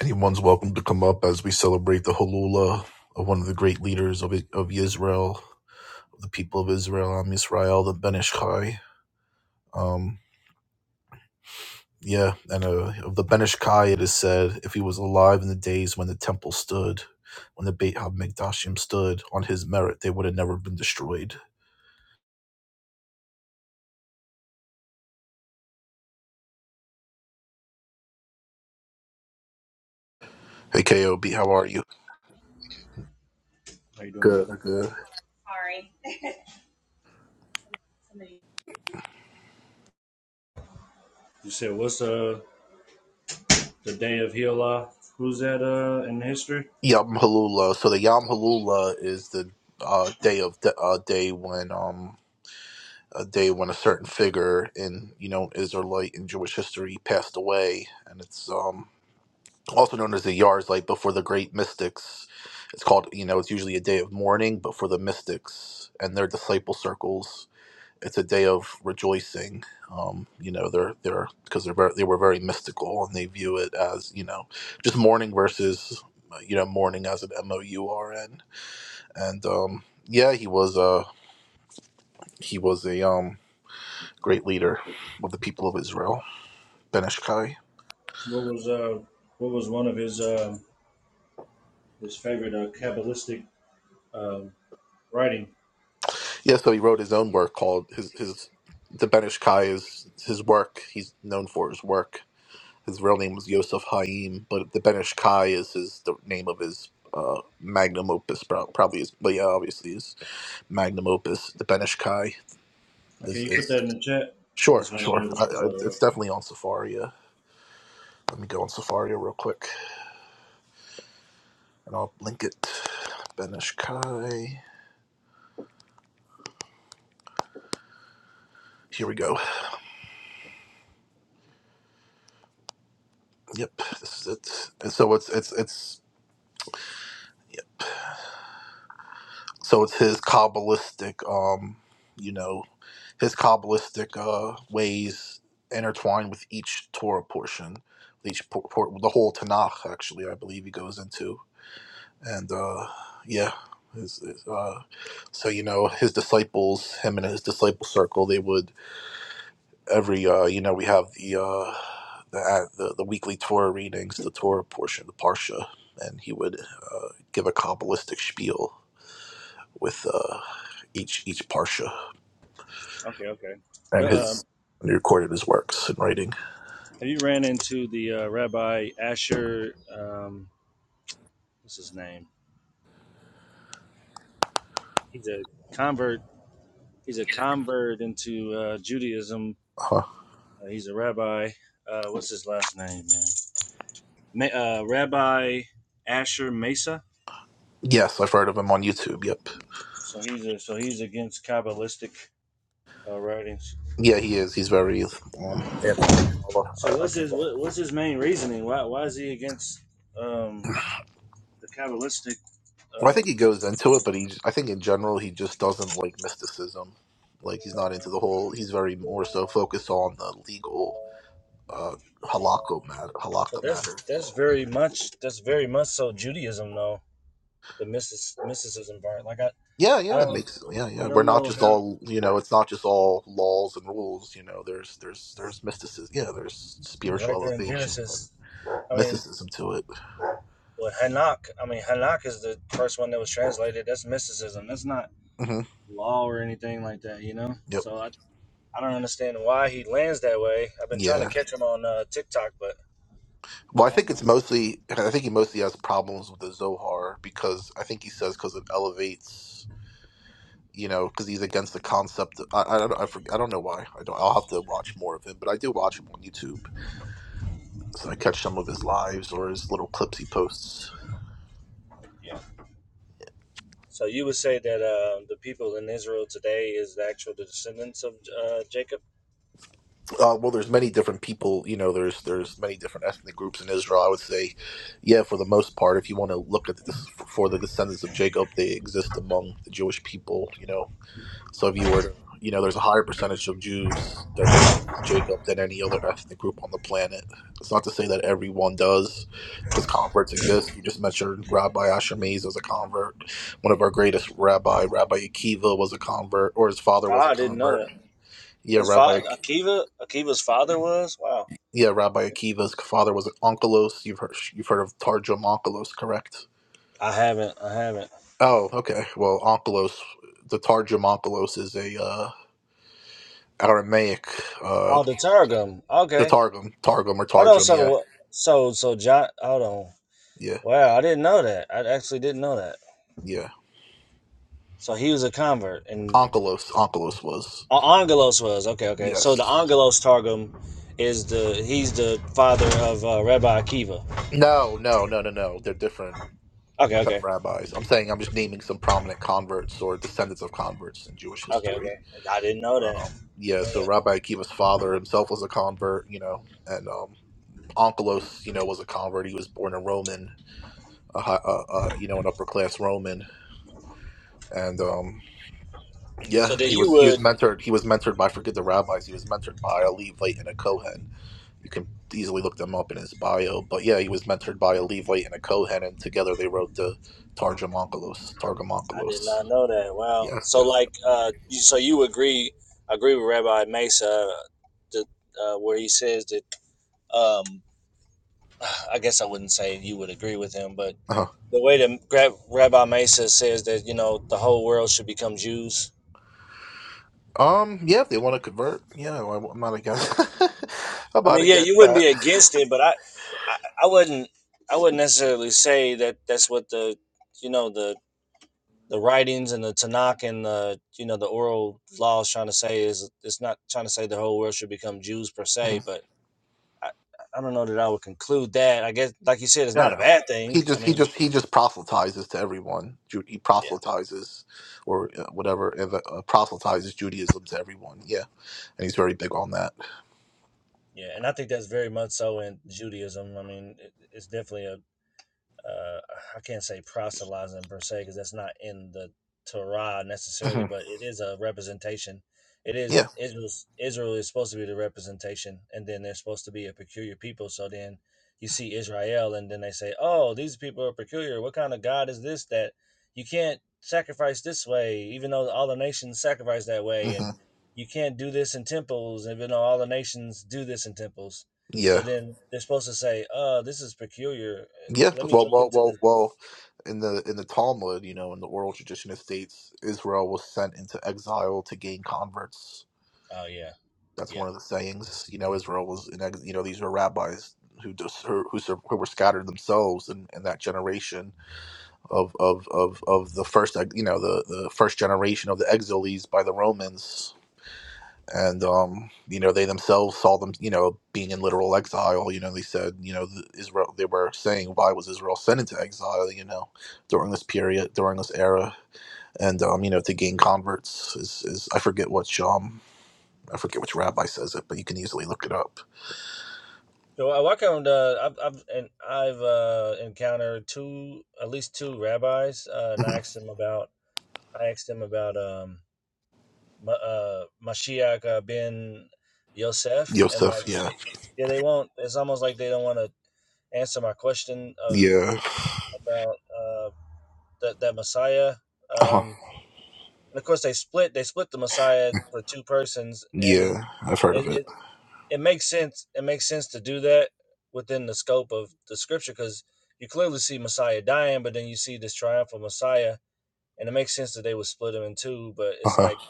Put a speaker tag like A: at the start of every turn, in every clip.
A: Anyone's welcome to come up as we celebrate the Halula of one of the great leaders of of Israel, the people of Israel, Am Yisrael, the Ben Ish Chai. Um, yeah, and uh, of the Ben Ish Chai, it is said, if he was alive in the days when the temple stood, when the Beit HaMikdashim stood, on his merit, they would have never been destroyed. Hey, KOB, how are you?
B: How you doing,
A: Good,
B: brother?
A: good.
B: You said what's uh the day of Hila? Who's that uh in history?
A: Yom Halula. So the Yom Halula is the uh, day of the uh, day when um a day when a certain figure in you know Israelite and Jewish history passed away, and it's um, also known as the Yar's Light. But for the great mystics, it's called you know it's usually a day of mourning. But for the mystics and their disciple circles, it's a day of rejoicing. Um, you know they're they're because they're very, they were very mystical and they view it as you know just mourning versus uh, you know mourning as an M O U R N and um, yeah he was uh he was a um great leader of the people of Israel, Ben Benishkai.
B: What was uh what was one of his uh his favorite uh, Kabbalistic uh, writing?
A: Yeah, so he wrote his own work called his his the Ben Benishkai is his work. He's known for his work. His real name was Yosef Haim, but the Ben Benishkai is his the name of his uh, magnum opus, prob- probably is, but yeah, obviously his magnum opus, the Benishkai
B: Okay,
A: is,
B: you put that
A: is
B: in the chat. I
A: sure,
B: just want to be
A: sure.
B: able to
A: I, I,
B: spell it
A: it's
B: right.
A: definitely on Safari. yeah. Let me go on Safari real quick, and I'll link it. Ben Benishkai. Here we go. Yep, this is it. And so it's it's it's so it's his kabbalistic, um, you know, his kabbalistic uh, ways intertwined with each Torah portion, with each por- por- the whole Tanakh. Actually, I believe he goes into, and uh, yeah. His, his, uh, so you know his disciples, him and his disciple circle, they would every uh you know we have the uh the uh, the, the weekly Torah readings, the Torah portion, the parsha, and he would uh, give a kabbalistic spiel with uh each each parsha
B: Okay, okay.
A: and
B: The,
A: his
B: um,
A: and he recorded his works in writing.
B: have you ran into the uh, Rabbi Asher? Um, what's his name? He's a convert. He's a convert into uh, Judaism.
A: Uh-huh.
B: Uh, he's a rabbi. Uh, what's his last name, man? uh, Rabbi Asher Mesa.
A: Yes, I've heard of him on YouTube. Yep.
B: So he's a, so he's against Kabbalistic uh, writings.
A: Yeah, he is. He's very um anti-Kabbalah.
B: So
A: I, I
B: what's
A: know
B: his
A: that.
B: what, what's his main reasoning? Why why is he against um, the Kabbalistic?
A: Well, I think
B: Um,
A: he goes into it, but he, I think in general, he just doesn't like mysticism. Like he's not into the whole. He's very more so focused on the legal
B: no,
A: uh, halakha matter.
B: but
A: Halakha
B: that's
A: matters.
B: that's very much that's very much so Judaism though the mysticism part. Like I
A: Yeah,
B: I
A: yeah, it
B: don't
A: makes yeah, yeah.
B: I
A: We're
B: don't
A: not
B: know
A: just
B: how
A: all you know. It's not just all laws and rules. You know, there's there's there's mysticism. Yeah, there's
B: it's
A: spiritual
B: right there in
A: elevation and
B: Genesis. I mean,
A: mysticism to it.
B: well Hanak. I mean Hanak is the first one that was translated. That's mysticism. That's not
A: hmm
B: law or anything like that, you know.
A: Yep.
B: So I, I don't understand why he lands that way. I've been trying to
A: Yeah.
B: catch him on uh, TikTok, but
A: Well, I think it's mostly. I think he mostly has problems with the Zohar because I think he says because it elevates. You know, because he's against the concept. I, I don't. I, forg I don't know why. I don't. I'll have to watch more of him, but I do watch him on YouTube. So I catch some of his lives or his little clips he posts.
B: so you would say that uh, the people in Israel today is the actual descendants of uh, Jacob?
A: Uh, well, there's many different people. You know, there's there's many different ethnic groups in Israel. I would say, yeah, for the most part, if you want to look at this for the descendants of Jacob, they exist among the Jewish people. You know, so if you were, to, you know, there's a higher percentage of Jews that descend from Jacob than any other ethnic group on the planet. It's not to say that everyone does, because converts exist. You just mentioned Rabbi Asher Mays was a convert. One of our greatest rabbi, Rabbi Akiva, was a convert, or his father was a
B: Ah, I didn't know
A: convert.
B: that.
A: Yeah,
B: His father,
A: Rabbi
B: Akiva, Akiva's father was. Wow,
A: Yeah, Rabbi Akiva's father was an onkelos. You've heard you've heard of Targum onkelos, correct?
B: I haven't. I haven't.
A: Oh, okay. Well, onkelos, the Targum onkelos is a uh, Aramaic, uh,
B: Oh, the Targum.
A: the
B: Okay.
A: Targum, Targum or
B: Hold on.
A: Targum. Yeah,
B: So, so, so John. Hold on.
A: yeah,
B: Wow, I didn't know that. I actually didn't know that.
A: yeah.
B: So he was a convert, and
A: Onkelos, onkelos was
B: Oh, Angelos was okay. Okay, so the
A: yes.
B: Angelos Targum is the he's the father of uh, Rabbi Akiva.
A: No, no, no, no, no. They're different
B: Okay, okay,
A: rabbis. I'm saying I'm just naming some prominent converts or descendants of converts in Jewish
B: okay,
A: history.
B: okay. I didn't know that.
A: Um,
B: Didn't
A: yeah,
B: know
A: so
B: that.
A: Rabbi Akiva's father himself was a convert, you know, and um, Onkelos, you know, was a convert. He was born a Roman, a, hi- a, a you know, an upper class Roman, and um,
B: So
A: yeah,
B: then
A: he
B: you
A: was he was
B: would.
A: mentored. He was mentored by forget the rabbis. He was mentored by a Levite and a Kohen. You can easily look them up in his bio. But yeah, he was mentored by a Levite and a Kohen, and together they wrote the Targum Onkelos. Targum
B: I did
A: Onkelos.
B: not know that. Wow.
A: Yes,
B: So
A: yes.
B: like, uh, you, so you agree agree with Rabbi Mesa, the uh, where he says that. Um, I guess I wouldn't say you would agree with him, but
A: Uh-huh.
B: the way that Gra- Rabbi Mesa says that you know the whole world should become Jews.
A: Um, yeah, if they want to convert, yeah, I- I'm not against. I'm
B: I
A: not
B: mean, yeah, you
A: against
B: wouldn't be against
A: that.
B: it, but I, I, I wouldn't, I wouldn't necessarily say that that's what the, you know, the the writings and the Tanakh and the, you know, the oral laws trying to say is it's not trying to say the whole world should become Jews per se, but I, I don't know that I would conclude that. I guess, like you said, it's
A: Yeah,
B: not a
A: yeah.
B: bad
A: He
B: thing. I
A: just he
B: mean,
A: just he just proselytizes to everyone. Ju- He
B: yeah,
A: proselytizes, or uh, whatever, and, uh, proselytizes Judaism to everyone. Yeah, and he's very big on that.
B: yeah, and I think that's very much so in Judaism. I mean, it, it's definitely a uh, I can't say proselytizing per se because that's not in the Torah necessarily,
A: hmm
B: but it is a representation. It is
A: Yeah,
B: Israel's, Israel is supposed to be the representation, and then they're supposed to be a peculiar people. So then you see Israel, and then they say, "Oh, these people are peculiar. What kind of God is this that you can't sacrifice this way, even though all the nations sacrifice that way,
A: hmm
B: and you can't do this in temples, even though all the nations do this in temples." So
A: yeah,
B: then they're supposed to say, "Uh, this is peculiar. Uh,
A: yeah.
B: Let me
A: Well,
B: look
A: well,
B: into
A: well,
B: this."
A: well. In the in the Talmud, you know, in the oral tradition, it states Israel was sent into exile to gain converts.
B: Oh yeah,
A: That's one
B: yeah,
A: of the sayings. You know, Israel was in ex- you know these were rabbis who just, who who sur- who were scattered themselves in, in that generation of of of of the first like, you know the the first generation of the exiles by the Romans and
B: yeah.
A: um you know they themselves saw them you know being in literal exile you know they said you know the Israel they were saying why was Israel sent into exile you know during this period during this era and um you know to gain converts is is I forget which um I forget which rabbi says it but you can easily look it up
B: So I walk around. Uh, I've I've and I've uh, encountered two, at least two rabbis, uh, and I
A: Mhm.
B: asked them about. I asked them about um, Ma- uh, Mashiach uh, ben Yosef, and
A: Yosef
B: like,
A: yeah
B: they, yeah, they won't. It's almost like they don't want to answer my question uh,
A: yeah
B: about uh, that that Messiah.
A: uh
B: Um, and of course they split they split the Messiah for two persons, and
A: yeah I've heard of
B: it
A: it
B: it, it makes sense it makes sense to do that within the scope of the scripture because you clearly see Messiah dying, but then you see this triumphal Messiah, and it makes sense that they would split him in two. But it's
A: uh-huh.
B: like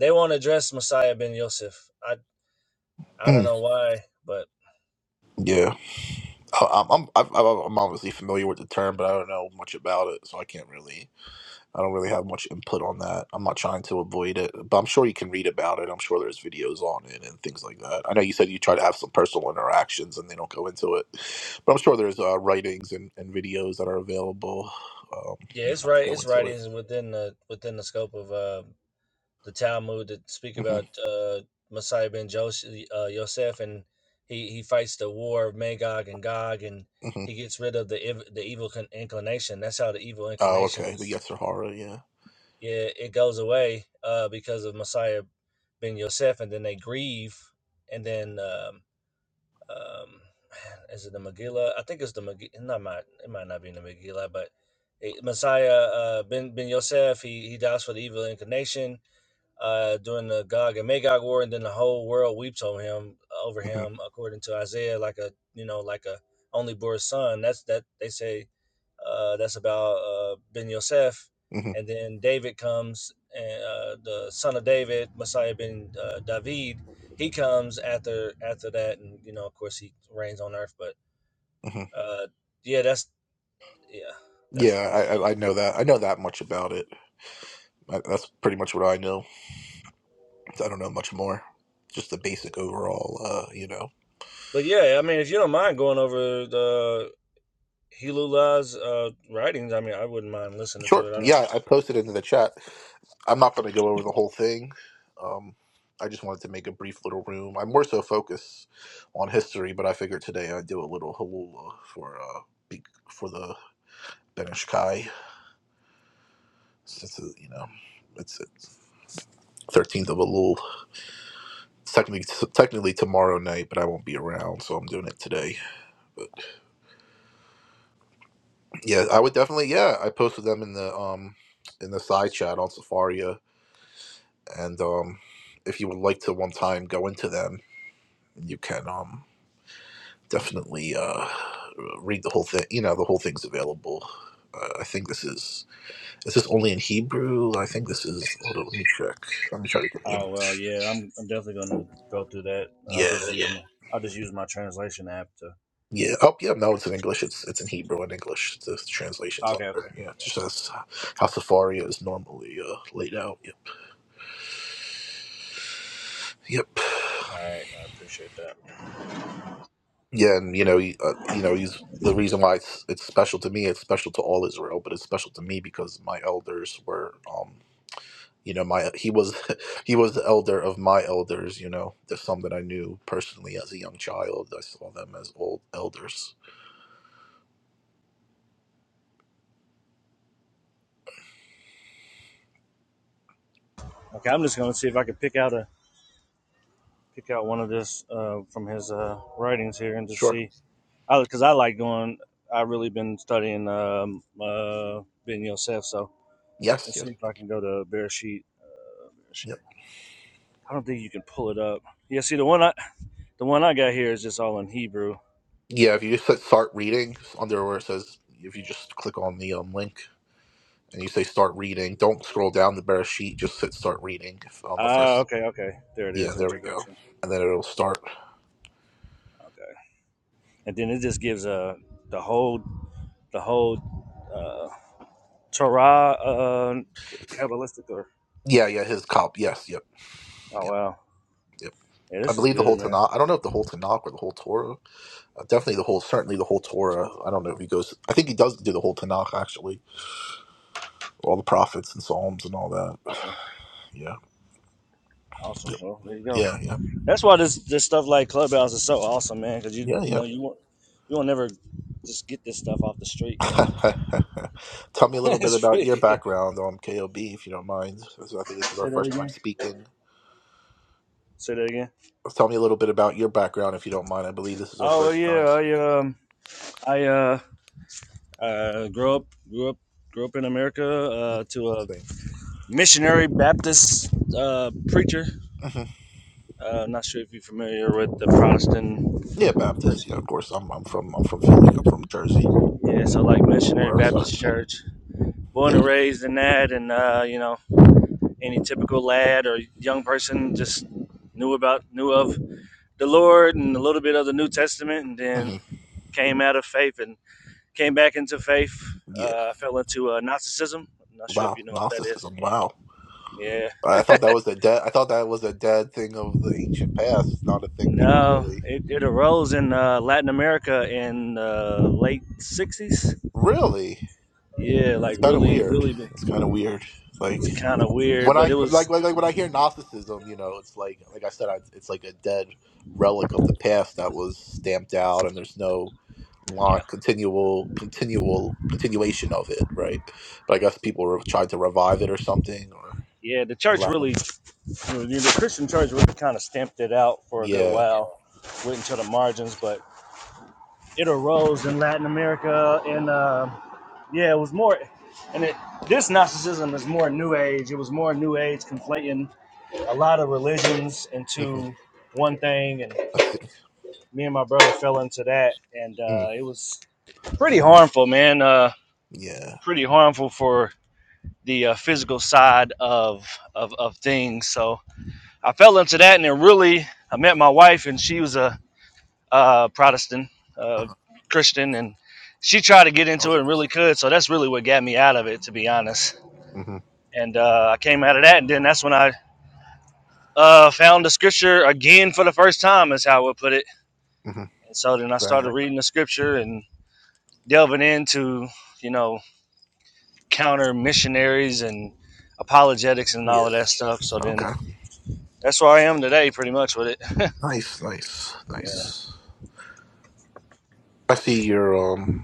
B: they won't address Messiah ben Yosef. I I don't
A: Mm.
B: know why, but
A: Yeah. I- I'm I'm I'm obviously familiar with the term, but I don't know much about it, so I can't really I don't really have much input on that. I'm not trying to avoid it, but I'm sure you can read about it. I'm sure there's videos on it and things like that. I know you said you try to have some personal interactions, and they don't go into it, but I'm sure there's uh, writings and, and videos that are available. Um,
B: yeah,
A: you
B: it's
A: know, that
B: right.
A: go
B: It's
A: into it.
B: writings within the within the scope of uh, the Talmud that speak about
A: hmm
B: uh, Messiah ben Joseph, uh, Yosef, and he, he fights the war of Magog and Gog, and
A: hmm
B: he gets rid of the ev- the evil con- inclination. That's how the evil
A: Oh,
B: inclination
A: okay. The
B: is.
A: Yes or Horror, yeah.
B: Yeah, it goes away uh, because of Messiah ben Yosef, and then they grieve, and then um, um, man, is it the Megillah? I think it's the Megillah. Not my, it might not be in the Megillah, but eh, Messiah uh, ben ben Yosef, he he dies for the evil inclination uh, during the Gog and Magog war, and then the whole world weeps on him over
A: hmm
B: him, according to Isaiah, like a you know like a only born son. That's that they say uh, that's about uh, Ben Yosef,
A: hmm
B: and then David comes, and uh, the son of David, Messiah ben uh, David, he comes after after that, and you know of course he reigns on earth. But
A: hmm
B: uh, yeah, that's yeah, that's the
A: Yeah,
B: whole.
A: I I I know that. I know that much about it. I, that's pretty much what I know. I don't know much more. Just the basic overall, uh, you know.
B: But yeah, I mean, if you don't mind going over the Helu uh, writings, I mean, I wouldn't mind listening
A: Sure.
B: to it. I don't.
A: Yeah, I posted into the chat. I'm not going to go over the whole thing. Um, I just wanted to make a brief little room. I'm more so focused on history, but I figured today I'd do a little halula for uh, be- for the Benish Kai, since uh, you know it's it's 13th of Elul. Technically, technically tomorrow night, but I won't be around, so I'm doing it today. But yeah, I would definitely. Yeah, I posted them in the um in the side chat on Safari. uh, and um, if you would like to one time go into them, you can um, definitely uh, read the whole thing. You know, the whole thing's available. Uh, I think this is is this only in Hebrew? I think this is. Hold on, let me check. Let me try to get
B: Oh well,
A: English.
B: yeah, I'm, I'm definitely gonna go through that. I'll
A: Yeah,
B: just use
A: yeah,
B: yeah. my, I'll just use my translation app to.
A: yeah. Oh, yeah. No, it's in English. It's it's in Hebrew and English. The translations on
B: Okay, okay,
A: there. Yeah, it just as how Safari is normally uh, laid out. Yep, yep.
B: all right, I appreciate that.
A: Yeah, and you know, he, uh, you know, he's the reason why it's it's special to me. It's special to all Israel, but it's special to me because my elders were, um, you know, my he was he was the elder of my elders. You know, there's some that I knew personally as a young child. I saw them as old elders.
B: Okay, I'm just gonna see if I can pick out a pick out one of this uh, from his uh, writings here and just
A: Sure.
B: see. I because I like going. I really been studying um, uh, Ben Yosef, so
A: Yes.
B: let's
A: Yes.
B: see if
A: Yep.
B: I can go to Bereshit. Sheet.
A: Yep.
B: I don't think you can pull it up. Yeah, see the one I the one I got here is just all in Hebrew.
A: Yeah. If you just hit start reading under where it says, if you just click on the um, link and you say start reading, don't scroll down the bare sheet. Just hit start reading on the
B: Ah,
A: first.
B: okay, okay. There it
A: Yeah.
B: is,
A: There we go
B: introduction.
A: and then it'll start.
B: Okay, and then it just gives uh the whole the whole uh Torah uh k- Kabbalistic or
A: Yeah, yeah, his cop. Yes, yep,
B: oh
A: yep,
B: wow,
A: yep.
B: yeah,
A: I
B: this is
A: believe the whole
B: good, man.
A: Tanakh. I don't know if the whole Tanakh or the whole Torah. Uh, definitely the whole, certainly the whole Torah. I don't know if he goes. I think he does do the whole Tanakh actually, all the prophets and Psalms and all that.
B: Okay,
A: Yeah,
B: awesome.
A: yep,
B: Well, there you go.
A: yeah, yeah,
B: That's why this this stuff like Clubhouse is so awesome, man. Because you you
A: yeah,
B: know you won't you won't never just get this stuff off the street, you know. So,
A: yeah. Tell me a little bit
B: it's
A: about your
B: pretty good.
A: background on KOB, if you don't mind. This is- I think this is our
B: Say that
A: first time
B: again.
A: speaking.
B: Say that again.
A: Tell me a little bit about your background, if you don't mind. I believe this is our
B: Oh well,
A: first
B: yeah,
A: time
B: I
A: speaking.
B: um I uh uh grew up grew up grew up in America
A: Mhm.
B: uh to a
A: Same.
B: missionary Baptist uh, preacher.
A: hmm
B: Uh, I'm not sure if you're familiar with the Protestant.
A: Yeah, Baptist. Yeah, of course. I'm I'm from I'm from Philly. I'm from Jersey.
B: Yeah, so like missionary
A: Rosard.
B: Baptist church. Born
A: Yeah.
B: and raised in that, and uh, you know, any typical lad or young person just knew about knew of the Lord and a little bit of the New Testament, and then
A: hmm
B: came out of faith and came back into faith.
A: Yeah.
B: Uh, I fell into uh, Gnosticism. I'm not sure if
A: Wow.
B: you know what that is.
A: Gnosticism. Wow.
B: Yeah.
A: I thought that was a dead. I thought that was a dead thing of the ancient past. Not a thing people
B: No,
A: really.
B: it, it arose in uh, Latin America in uh, late '60s.
A: Really.
B: Yeah,
A: That's
B: like
A: kind of
B: really,
A: weird.
B: really big.
A: That's kind of weird. Like
B: It's kind of weird,
A: when
B: but it
A: I
B: was.
A: like, like like when I hear Gnosticism, you know, it's like like I said, I, it's like a dead relic of the past that was stamped out, and there's no long,
B: Yeah,
A: continual continual continuation of it, right? But I guess people re- tried to revive it or something, or
B: yeah. The
A: in
B: church
A: Latin
B: really,
A: America.
B: the Christian church really kind of stamped it out for a good
A: Yeah.
B: while, went into the margins, but it arose in Latin America, and uh, yeah, it was more. And it, this Gnosticism is more New Age. It was more New Age, conflating a lot of religions into one thing, and
A: I see.
B: me and my brother fell into that, and
A: Mm,
B: uh, it was pretty harmful, man. Uh,
A: yeah.
B: pretty harmful for the uh, physical side of, of of things. So I fell into that, and then really, I met my wife, and she was a uh, Protestant, uh,
A: Uh-huh.
B: Christian, and she tried to get into it and really could. So that's really what got me out of it, to be honest.
A: Mm-hmm.
B: And uh, I came out of that, and then that's when I uh, found the scripture again for the first time, is how I would put it.
A: Mm-hmm.
B: And so then I
A: Very
B: started
A: nice.
B: reading the scripture, and. delving into you know counter missionaries and apologetics and all
A: Yeah.
B: of that stuff. So then
A: Okay.
B: that's where I am today, pretty much with it.
A: Nice. Nice.
B: yeah,
A: Nice. I see your um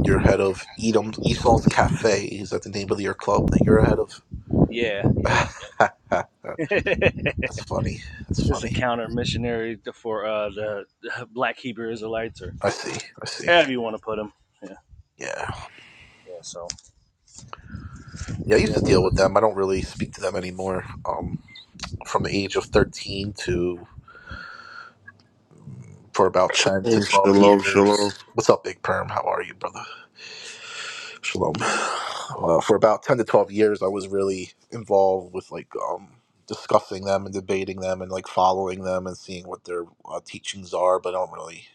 A: your head of Edom Esau's Cafe. Is that the name of your club that you're ahead of?
B: yeah, yep,
A: That's
B: yep.
A: funny. That's
B: this is a
A: funny.
B: counter missionary for uh, the, the Black Hebrew Israelites or
A: I see. I see.
B: however you want to put them. Yeah,
A: Yeah.
B: yeah. So
A: Yeah, I used
B: yeah,
A: to deal with them. I don't really speak to them anymore. Um from the age of thirteen to for about ten to
C: Shalom,
A: twelve
C: shalom, shalom.
A: years. What's up, Big Perm? How are you, brother? Shalom. Uh, for about 10 to 12 years, I was really involved with like um, discussing them and debating them and like following them and seeing what their uh, teachings are, but I don't really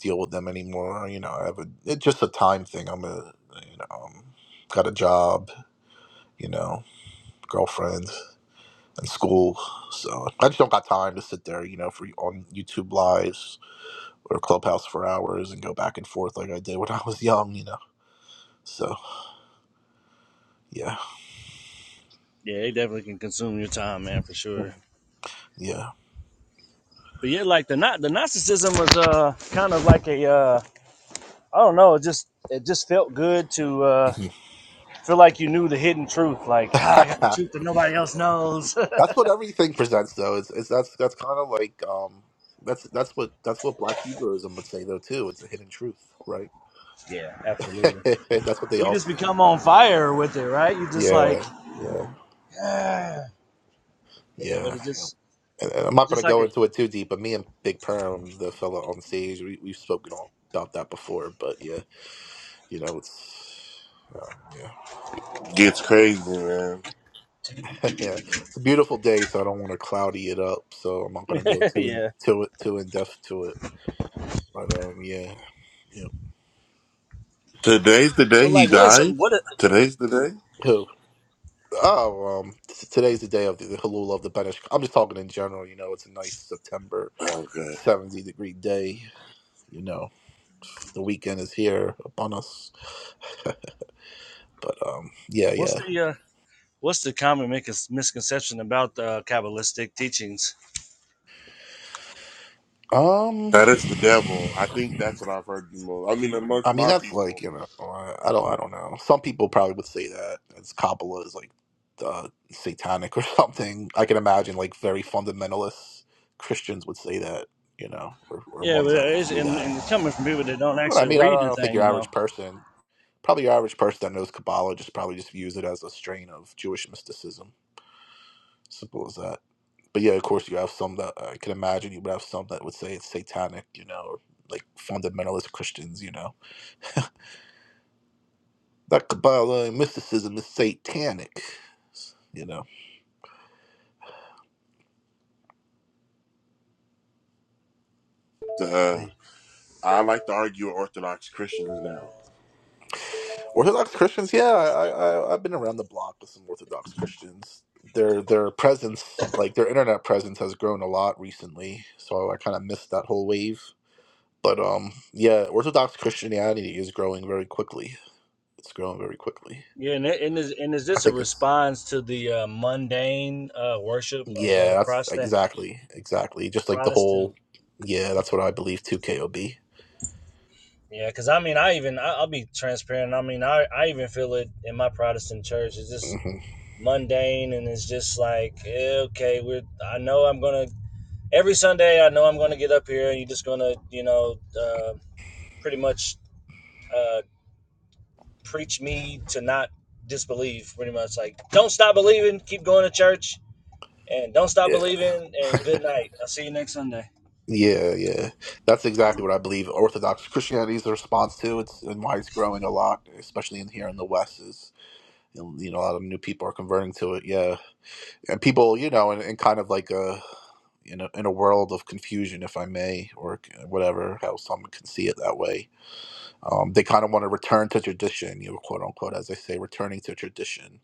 A: deal with them anymore. You know, I have a, it's just a time thing. I'm a, you know, um, got a job, you know, girlfriend and school. So I just don't got time to sit there, you know, for on YouTube lives or clubhouse for hours and go back and forth like I did when I was young, you know. So yeah,
B: yeah, they definitely can consume your time, man, for sure.
A: Mhm. yeah.
B: But yeah, like the not the narcissism was uh kind of like a uh I don't know, it just it just felt good to uh
A: Mm-hmm.
B: Feel like you knew the hidden truth. Like, ah, I got the
A: yeah.
B: truth that nobody else knows.
A: That's what everything presents, though. It's, it's that's that's kind of like um, that's that's what that's what Black Hebrewism would say, though, too. It's a hidden truth, right?
B: yeah, absolutely.
A: that's what they
B: You
A: all
B: just
A: say.
B: become on fire with it, right? You just like,
A: Yeah, yeah,
B: ah. yeah, but
A: yeah.
B: it's just,
A: And, and I'm not
B: just
A: going to
B: like
A: go into it too deep, but me and Big Perm, the fella on stage, we we've spoken all, about that before. But yeah, you know, it's um, yeah,
C: Gets crazy, man.
A: yeah. It's a beautiful day, so I don't want to cloudy it up. So I'm not going to go
B: it,
A: too in
B: yeah.
A: to it too in depth to it. But um, yeah, yeah.
C: Today's the
B: So,
C: day he
B: like, what is
C: died?
B: some, what, is,
C: Today's the day?
A: Oh, um, t- today's the day of the, the Halul of the Benish. I'm just talking in general. You know, it's a nice September
C: Okay.
A: 70 degree day. You know, the weekend is here upon us. But um, yeah,
B: what's
A: yeah.
B: the, uh, what's the common mis- misconception about the uh, Kabbalistic teachings?
A: Um,
C: That is the devil. I think that's what I've heard the most. I mean,
A: I
C: amongst
A: mean,
C: my
A: that's like
C: people.
A: you know, I, I don't, I don't know. Some people probably would say that it's Kabbalah is like uh, satanic or something. I can imagine like very fundamentalist Christians would say that. You know, or, or
B: Yeah,
A: ones
B: but
A: that
B: it's,
A: view
B: and,
A: that.
B: and it's coming from people that don't
A: But I
B: actually
A: mean, I
B: read
A: don't, I
B: the
A: don't think your
B: thing,
A: average
B: though.
A: person. Probably your average person that knows Kabbalah just probably just views it as a strain of Jewish mysticism. Simple as that. But yeah, of course, you have some that I can imagine you would have some that would say it's satanic, you know, or like fundamentalist Christians, you know, that Kabbalah and mysticism is satanic, you know.
C: Uh,
B: See.
C: I like to argue with Orthodox Christians now.
A: Orthodox Christians, yeah, I, I I've been around the block with some Orthodox Christians. Their their presence, like their internet presence, has grown a lot recently. So I kind of missed that whole wave. But um, yeah, Orthodox Christianity is growing very quickly. It's growing very quickly.
B: Yeah, and, it- and, is, and is
A: I
B: this a
A: think it's
B: response to the uh, mundane uh, worship of uh,
A: yeah, that's
B: Protestant,
A: exactly, exactly. Just like the
B: Protestant
A: whole yeah, that's what I believe too. Kob.
B: Yeah, because I mean, I even I, I'll be transparent. I mean, I I even feel it in my Protestant church. It's just
A: hmm
B: mundane, and it's just like eh, okay, we're. I know I'm gonna every Sunday. I know I'm gonna get up here, and you're just gonna you know uh, pretty much uh, preach me to not disbelieve. Pretty much like don't stop believing, keep going to church, and don't stop
A: Yeah,
B: believing, and good night. I'll see you next Sunday.
A: yeah, yeah. That's exactly what I believe. Orthodox Christianity is the response to it's and why it's growing a lot, especially in here in the West. Is you know a lot of new people are converting to it. Yeah, and people, you know, in, in kind of like a in a in a world of confusion, if I may, or whatever, how someone can see it that way. Um, they kind of want to return to tradition, you know, quote unquote, as they say, returning to tradition,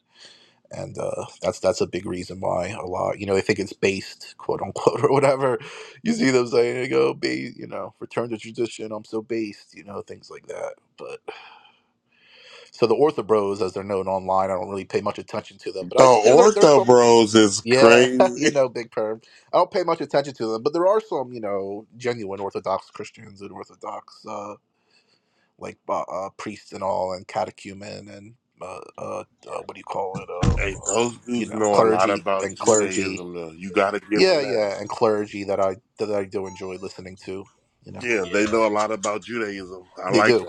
A: and uh, that's that's a big reason why a lot, you know, they think it's based, quote unquote, or whatever. You see them saying, they go, "Ba- you know, return to tradition. I'm so based, you know, things like that. But so the orthobros, as they're known online, I don't really pay much attention to them, but
C: The
A: I there, there there's
C: Ortho
A: some
C: Bros is
A: yeah, you
C: crazy.
A: know, big perv. I don't pay much attention to them, but there are some, you know, genuine Orthodox Christians and Orthodox, uh, like uh, uh, priests and all, and catechumen and uh, uh, uh, what do you call it?
C: Hey,
A: Uh, um,
C: those
A: you
C: dudes
A: know,
C: know a lot
A: clergy
C: about
A: and clergy.
C: Judaism, though. You gotta give them
A: Yeah,
C: that.
A: yeah, and clergy that I that I do enjoy listening to. You know,
C: Yeah,
B: Yeah.
C: they know a lot about Judaism. I
A: they
C: like
A: do.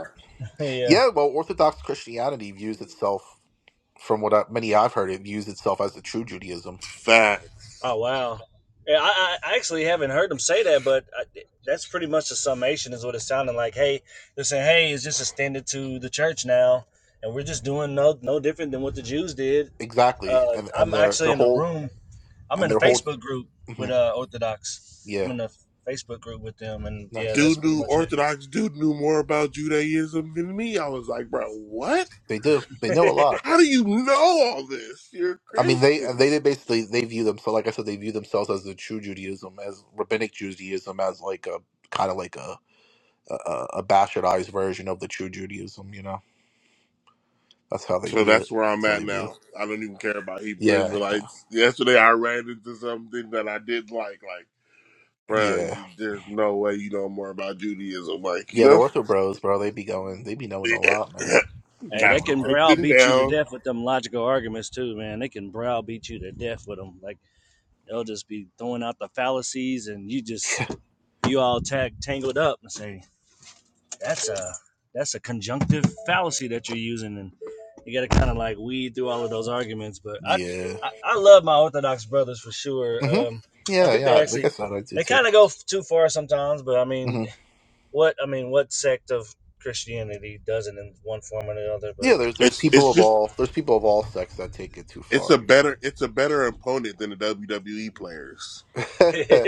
B: yeah.
A: Yeah, well, Orthodox Christianity views itself, from what I, many I've heard, it views itself as the true Judaism.
C: that.
B: Oh wow. Yeah, I, I I actually haven't heard them say that, but I, that's pretty much the summation is what it's sounding like. Hey, they're saying, hey, it's just extended to the church now, and we're just doing no no different than what the Jews did.
A: exactly,
B: Uh,
A: and and
B: I'm
A: their their
B: actually in a
A: whole
B: room. I'm
A: and
B: in a
A: their whole
B: Facebook group with
A: mhm.
B: uh, Orthodox. I'm
A: yeah,
B: in a Facebook group with them, and yeah,
A: nice.
B: that's
C: dude
B: pretty
C: knew
B: much
C: Orthodox dude knew more about Judaism than me. I was like, bro, what?
A: They do. They know a
B: it.
A: lot.
C: How do you know all this? You're a
A: I mean, they and
C: Christian.
A: they they basically they view themselves like I said, they view themselves as the true Judaism, as rabbinic Judaism, as like a kind of like a, a a bastardized version of the true Judaism. You know, that's how they
C: So
A: view it.
C: that's where I'm
A: That's how
C: at
A: they view. It.
C: now. I don't even care about Hebrew
A: Yeah, yeah,
C: Israelites. Yesterday I ran into something that I didn't like. Like, bro,
A: yeah,
C: there's no way you know more about Judaism. Like, you
A: yeah. The
C: know,
A: Ortho Bros, bro, they be going, they be knowing a lot, man. They
B: Hey,
A: be
C: gotta
B: they
A: knowing a
C: go
B: can
A: lot.
C: take them
B: browbeat you to
C: down.
B: death with them logical arguments too, man. They can browbeat you to death with them. Like they'll just be throwing out the fallacies, and you just you all tag tangled up and say that's a that's a conjunctive fallacy that you're using and you got to kind of like weed through all of those arguments but I,
A: Yeah.
B: I i love my orthodox brothers for sure
A: hmm
B: um i
A: Yeah,
B: think they
A: yeah. Like
B: actually
A: I said, I do
B: they
A: too.
B: kind of go too far sometimes but i
A: Mm-hmm.
B: mean what i mean what sect of christianity doesn't in one form or the other but
A: Yeah, there's there's
C: It's it's
A: people of
C: just
A: all there's people of all sects that take it too
C: it's
A: far,
C: a
A: you
C: better
A: know.
C: it's a better opponent than the WWE players.
B: there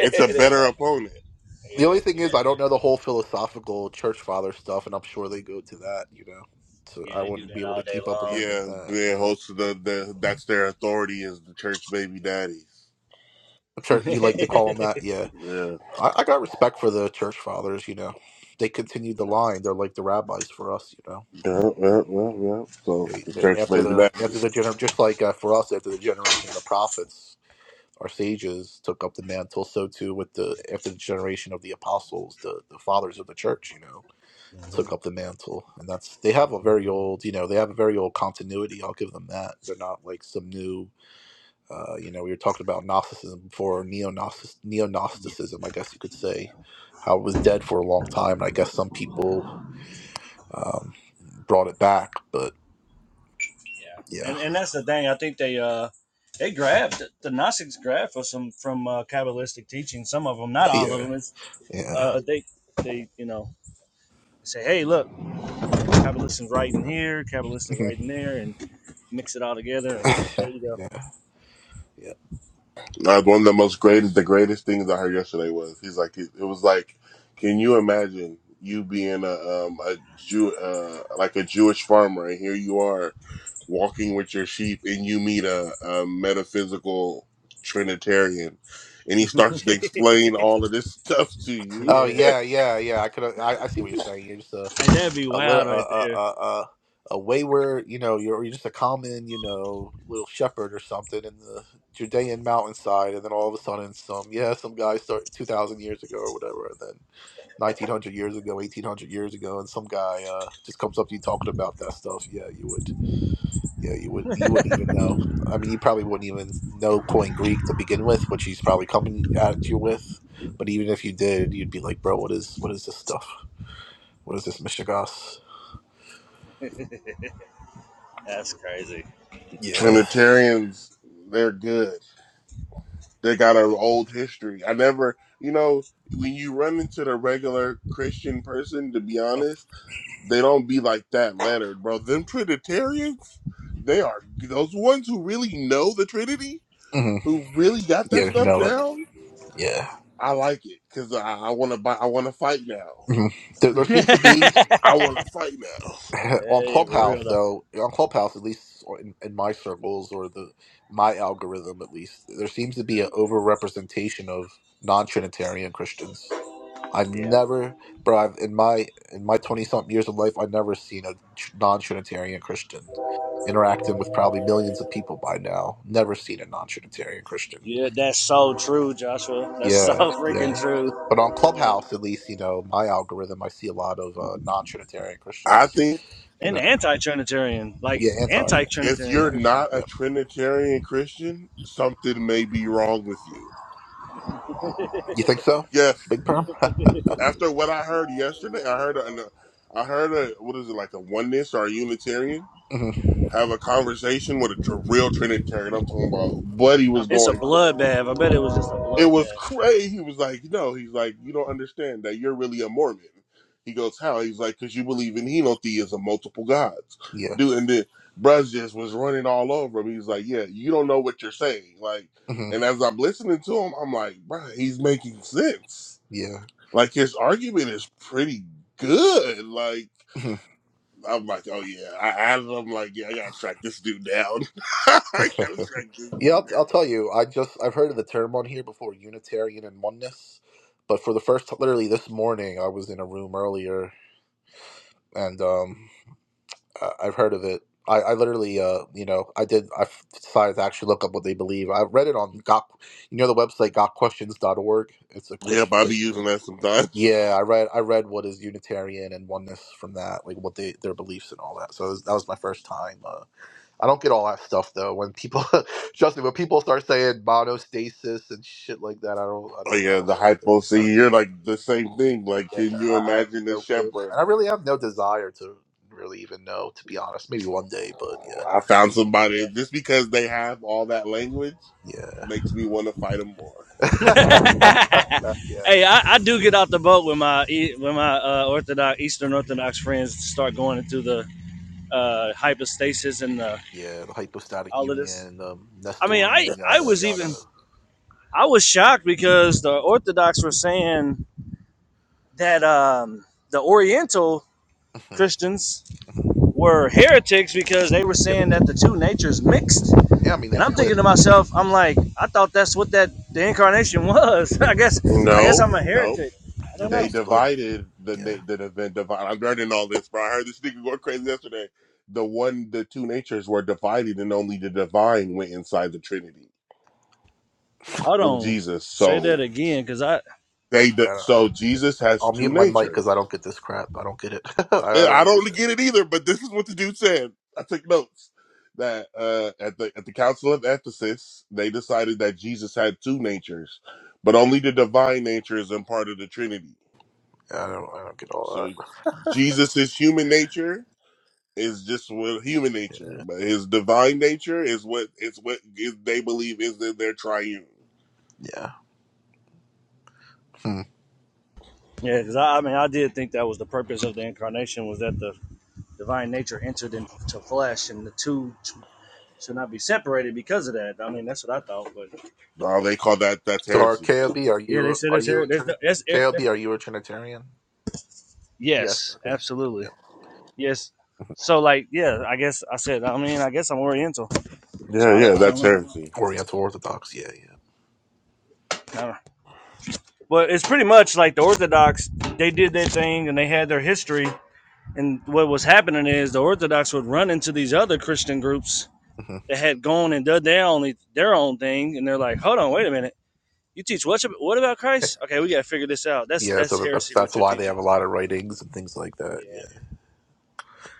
C: It's a better
B: go.
C: opponent.
A: the only
B: yeah
A: thing is
B: yeah
A: I don't know the whole philosophical church father stuff and I'm sure they go to that, you know. So
B: yeah
A: I
B: they do
A: wouldn't be
B: that
A: able to
B: all day
A: keep up with
B: long
A: them in
C: Yeah,
A: that,
C: they
A: yeah.
C: host the, the that's their authority is the church baby daddies.
A: I'm sure you like to call them that, yeah.
C: Yeah,
A: I, I got respect for the church fathers, you know. They continued the line. They're like the rabbis for us, you know.
C: yeah, yeah, yeah, yeah. So
A: They,
C: the
B: yeah
A: they
C: church
A: after
C: baby
B: absolutely
A: the after
C: daddies.
A: the gener just like uh, for us after the generation of the prophets, our sages took up the mantle. So too with the after the generation of the apostles, the the fathers of the church, you know,
B: Mhm.
A: took up the mantle, and that's they have a very
B: absolutely
A: old, you know, they have a very old continuity. I'll give them that. They're not like some new, uh, you know, we were talking about Gnosticism before, neo
B: yeah
A: Gnosticism, I guess you could
B: yeah.
A: say, how it was dead for a long time, and I guess some people um, brought it back, but
B: Yeah,
A: yeah,
B: and and that's the thing. I think they uh they grabbed the Gnostics grabbed for some from uh, Kabbalistic teaching. Some of them,
A: oh,
B: not
A: yeah,
B: all of them. It's
A: yeah,
B: uh they they you know say, hey, look, Kabbalistic writing here, Kabbalistic writing there, and mix it all together, and there you go.
A: yeah, yeah.
C: Uh, one of the most greatest, the greatest things I heard yesterday was he's like it, it was like, can you imagine you being a um a Jew uh like a Jewish farmer and here you are walking with your sheep and you meet a, a metaphysical Trinitarian and he starts to explain all of this stuff to you.
A: Oh
B: yeah,
A: yeah, yeah, yeah. I could. I, I see what you're saying. You're just uh,
B: Hey, that'd be
A: a little
B: wild
A: a
B: right
A: a
B: there.
A: a, a a wayward, you know, you're you're just a common, you know, little shepherd or something in the Judean mountainside, and then all of a sudden, some yeah, some guy started two thousand years ago or whatever, and then nineteen hundred years ago, eighteen hundred years ago, and some guy uh, just comes up to you talking about that stuff. Yeah, you would, yeah, you would, you wouldn't even know. I mean, you probably wouldn't even know Coin Greek to begin with, which he's probably coming at you with. But even if you did, you'd be like, bro, what is what is this stuff? What is this, Michigas?
B: That's crazy.
A: Yeah.
C: Trinitarians, they're good. They got an old history. I never, you know, when you run into the regular Christian person, to be honest, they don't be like that lettered, bro. Them Trinitarians, they are those ones who really know the Trinity,
A: hmm
C: who really got
A: Yeah,
C: that
A: you
C: stuff
A: know it.
C: down.
A: Yeah.
C: I like it because I, I want to buy. I want to fight now.
A: hmm There, there
B: hey,
A: seems to be
C: I want to fight now.
A: on
B: for real
A: Clubhouse
B: though.
A: though, on Clubhouse at least or in, in my circles or the my algorithm at least, there seems to be an overrepresentation of non-Trinitarian Christians. I've
B: Yeah,
A: never, bro. I've, in my in my twenty something years of life, I've never seen a tr- non-Trinitarian Christian interacting with probably millions of people by now. Never seen a non-Trinitarian Christian.
B: yeah, that's so true, Joshua. That's so
A: Yeah, yeah.
B: freaking true.
A: But on Clubhouse, at least, you know, my algorithm, I see a lot of uh, non-Trinitarian
C: I
A: Christians.
C: think
A: You
B: and
A: know,
B: anti-Trinitarian, like
A: yeah, anti, yeah,
C: if
B: anti-Trinitarian
C: you're
A: yeah.
B: Christians.
C: not a
A: yeah.
C: Trinitarian Christian, something may be wrong with you.
A: You think so,
C: Yes,
A: Big Perm?
C: After what I heard yesterday, I heard a, I heard a what is it like a oneness or a Unitarian
A: hmm
C: have a conversation with a, tr- real Trinitarian. I'm talking about Buddy was
B: It's a
C: going crazy.
B: bloodbath. I bet it was just a
C: It was
B: bloodbath.
C: crazy. He was like, no, he's like, you don't understand that you're really a Mormon. He goes, how? He's like, because you believe in henotheism, multiple gods,
A: Yeah,
C: dude. And then Bruz just was running all over him. He's like, yeah, you don't know what you're saying, like.
A: hmm
C: And as I'm listening to him, I'm like, bruh, he's making sense
A: yeah,
C: like his argument is pretty good. Like I'm like, oh yeah, I added. I'm like, yeah, I gotta track this dude down. I gotta track this
A: yeah.
C: dude
A: I'll, I'll
C: down.
A: tell you. I just I've heard of the term on here before, Unitarian and oneness. But for the first, literally this morning, I was in a room earlier, and um, I- I've heard of it. I, I literally, uh, you know, I did. I f- decided to actually look up what they believe. I read it on got, you know, the website gotquestions dot org. It's a
C: Yeah,
A: question.
C: but I be using that sometimes.
A: Yeah, I read. I read what is Unitarian and oneness from that, like what they their beliefs and all that. So it was- that was my first time. Uh, I don't get all that stuff though. When people, trust me, when people start saying monostasis and shit like that, I don't, I
C: Oh
A: don't, I
C: yeah,
A: don't
C: the
A: know what they're.
C: hypo.
A: I don't,
C: scene. you're like the same thing. Like,
A: yeah,
C: can you
A: I, I have
C: imagine the
A: no clue,
C: shepherd?
A: and I really have no desire to really even know, to be honest. Maybe one day, but yeah.
C: Oh, I found
B: Yeah.
C: somebody just because they have all that language
A: Yeah.
C: makes me want to fight them more.
A: yeah.
B: hey, I, I do get out the boat when my E- when my uh, Orthodox Eastern Orthodox friends start going into the uh, hypostasis and uh
A: Yeah. The hypostatic
B: all of this.
A: union, um,
B: I mean, I
A: Nestorian,
B: I
A: yada,
B: was
A: yada.
B: even I was shocked because the Orthodox were saying that um, the Oriental
A: hmm
B: Christians
A: hmm
B: were heretics because they were
A: Yep.
B: saying that the two natures mixed
A: Yeah, I mean, they
B: And I'm
A: split.
B: thinking to
A: Yep.
B: myself, I'm like, I thought that's what that the incarnation was. I guess I guess
C: No,
B: I'm a
C: no.
B: heretic. I don't
A: Yep,
C: They
A: they
B: know.
A: split.
C: divided the
A: Yeah.
C: na- the event divide. I'm learning all this, bro. I heard this nigga going crazy yesterday. The one, the two natures were divided, and only the divine went inside the Trinity
B: Hold
C: in
B: on.
C: Jesus.
B: Say that
C: So
B: again, because I
C: they, di-
A: Yeah. I don't,
C: so Jesus has
A: I'll mute
C: two
A: my mic
C: natures.
A: because I don't get this crap. I don't get it. I,
C: Eh,
A: I
C: I
A: don't
C: don't
A: understand.
C: get it either, but this is what the dude said. I took notes that uh, at the at the Council of Ephesus, they decided that Jesus had two natures, but only the divine nature is in part of the Trinity.
A: Yeah, I don't. I don't get all
C: So
A: that.
C: Jesus is human nature, is just what human
A: Yeah.
C: nature, but his divine nature is what it's what is, they believe is in their triune.
A: Yeah. Hmm.
B: yeah, because I, I mean I did think that was the purpose of the incarnation was that the divine nature entered into flesh and the two should not be separated because of that. I mean that's what I thought, but
C: No, they call that that's
A: So, are
C: heresy.
A: KOB? Are
B: yeah, they
A: you?
B: said
A: Are
B: it's
A: you a
B: here. There's no,
A: Trini-
B: that's here-
A: KOB?
B: there-
A: Are you a Trinitarian? Yes.
B: yes,
A: Okay. Yep.
B: absolutely,
A: Yep.
B: yes. So like yeah, I guess I said I mean I guess I'm Oriental, so
C: Yeah,
B: I
C: yeah,
B: don't, I don't
C: that's
B: know.
C: heresy.
A: Oriental Orthodox. Yeah. Yeah.
B: I don't, But it's pretty much like the Orthodox, they did their thing and they had their history. And what was happening is the Orthodox would run into these other Christian groups
A: hmm
B: that had gone and done their only their own thing, and they're like, "Hold on, wait a minute, you teach what? What about Christ? Okay, we gotta figure this out. That's
A: Yeah. So
B: that's
A: that, that's
B: heresy.
A: that's
B: What you're
A: why they
B: teaching?
A: have a lot of writings and things like
B: Yeah,
A: that. Yeah.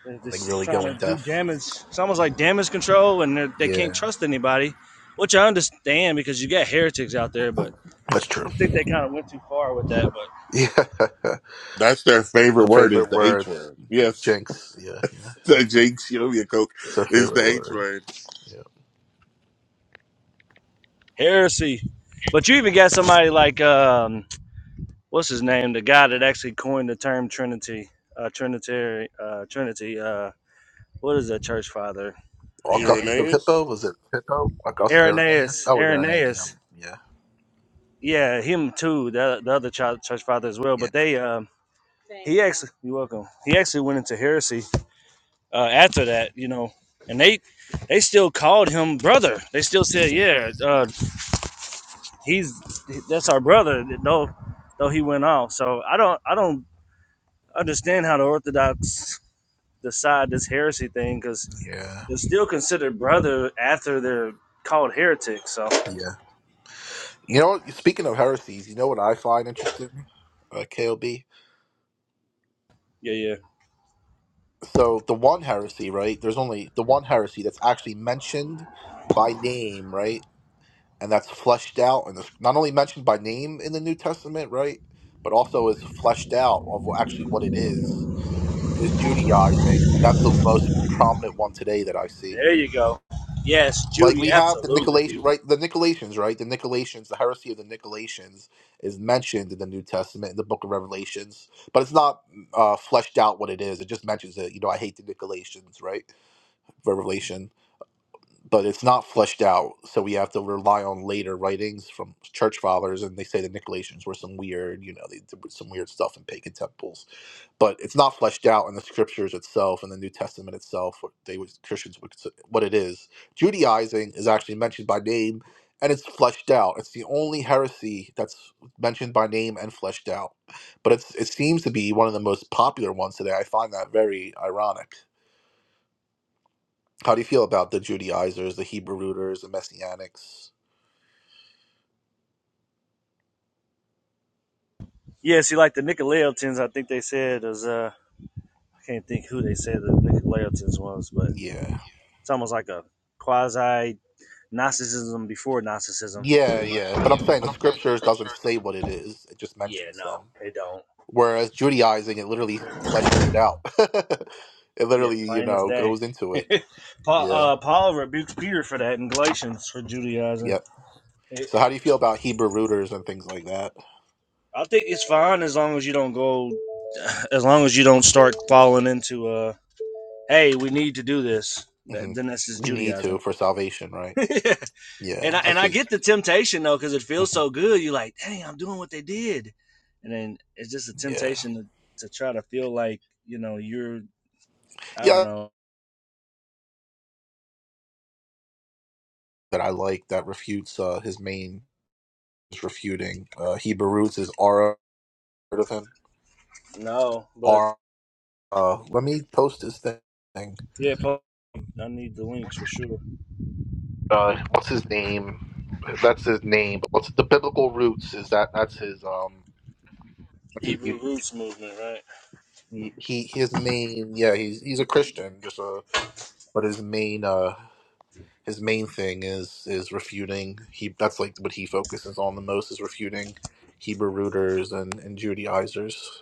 B: they're
A: like
B: just
A: really
B: trying
A: going
B: to do
A: deaf.
B: damage. It's almost like damage control, and they're- they can not
A: Yeah,
B: trust anybody, which I understand because you got heretics out there. But
A: That's
B: I
A: true.
B: just think they kind of went too far with that. But
A: Yeah. Her
C: That's their favorite word is
A: favorite
C: the H
A: word,
C: word. Yes,
A: jinx. Yeah, yeah.
C: the Jinx Yovia Coke
A: It's her
C: is the
A: favorite
C: H
A: word.
C: word.
A: Yeah.
B: Heresy. But you even got somebody like um, what's his name? The guy that actually coined the term Trinity, uh, Trinitary, uh, Trinity. Uh, what is that church father? Man, I can't
A: Augustine
B: think.
A: of
C: Irenaeus.
A: Hippo? Was it Hippo? August Irenaeus?
B: Irenaeus.
A: That was Irenaeus. Yeah.
B: Irenaeus.
A: Yeah.
B: Yeah, him too. The, the other child, church father as well.
A: Yeah.
B: But
A: I Forget.
B: they, um, he actually, you're welcome. He actually went into heresy uh, after that, you know, and they they still called him brother. They still said,
A: hmm
B: yeah, uh, he's that's our brother. No, though he went off. So I don't, I don't understand how the Orthodox decide this heresy thing because
A: Yeah.
B: they're still considered brother after they're called heretics. So
A: Yeah. You know, what? speaking of heresies, you know what I find interesting? Uh, KOB.
B: yeah, yeah,
A: So the one heresy, right? There's only the one heresy that's actually mentioned by name, right? and that's fleshed out and it's not only mentioned by name in the New Testament, right? But also is fleshed out of what- actually what it is is Judaizing, and that's the most prominent one today that I see.
B: there you go. Yes,
A: Like
B: Judy,
A: we have the
B: absolutely.
A: Nicolaitan, right? The Nicolaitans, right? The Nicolaitans, the heresy of the Nicolaitans is mentioned in the New Testament in the Book of Revelations, but it's not uh, fleshed out what it is. It just mentions it. You know, I hate the Nicolaitans, right? Revelation but it's not fleshed out. So we have to rely on later writings from church fathers, and they say the Nicolaitans were some weird, you know, they did some weird stuff in pagan temples. But it's not fleshed out in the scriptures itself and the New Testament itself. What they would Christians would consider what it is. Judaizing is actually mentioned by name, and it's fleshed out. It's the only heresy that's mentioned by name and fleshed out. But it's it seems to be one of the most popular ones today. I find that very ironic how do you feel about the Judaizers, the Hebrew rooters, the Messianics?
B: Yeah, see, like the Nicolaitans, I think they said is uh, I can't think who they said the Nicolaitans was, but
A: Yeah.
B: it's almost like a quasi Gnosticism before Gnosticism,
A: Yeah,
B: pretty much.
A: yeah.
B: Yeah,
A: But I'm saying the scriptures doesn't say what it is, it just
B: yeah
A: mentions
B: no,
A: them.
B: they don't.
A: Whereas Judaizing, it literally fleshes it out. it
B: Yeah,
A: literally, you
B: plain as
A: know,
B: day.
A: goes into it.
B: Paul,
A: Yeah.
B: uh, Paul rebukes Peter for that in Galatians for Judaizing.
A: Yep.
B: It,
A: So how do you feel about Hebrew rooters and things like that?
B: I think it's fine as long as you don't go, as long as you don't start falling into uh, hey, we need to do this. That,
A: hmm
B: then that's just
A: We need to
B: Judaizing.
A: for salvation, right?
B: and I
A: Yeah, I
B: and I
A: see.
B: get the temptation though because it feels
A: hmm
B: so good. You're like, dang, I'm doing what they did, and then it's just a
A: Yeah.
B: temptation to, to try to feel like you know you're I don't
A: Yeah,
B: know.
A: that I like that refutes uh, his main is refuting uh, Hebrew roots is Ara. of him?
B: No, but
A: R Uh, let me post this thing.
B: yeah, Paul, I need the links for sure.
A: Uh, what's his name? That's his name. But what's the biblical roots? Is that that's his um? That's his you-
B: Hebrew roots movement, right?
A: he his main yeah he's he's a Christian just a but his main uh his main thing is is refuting he that's like what he focuses on the most is refuting Hebrew rooters and and Judaizers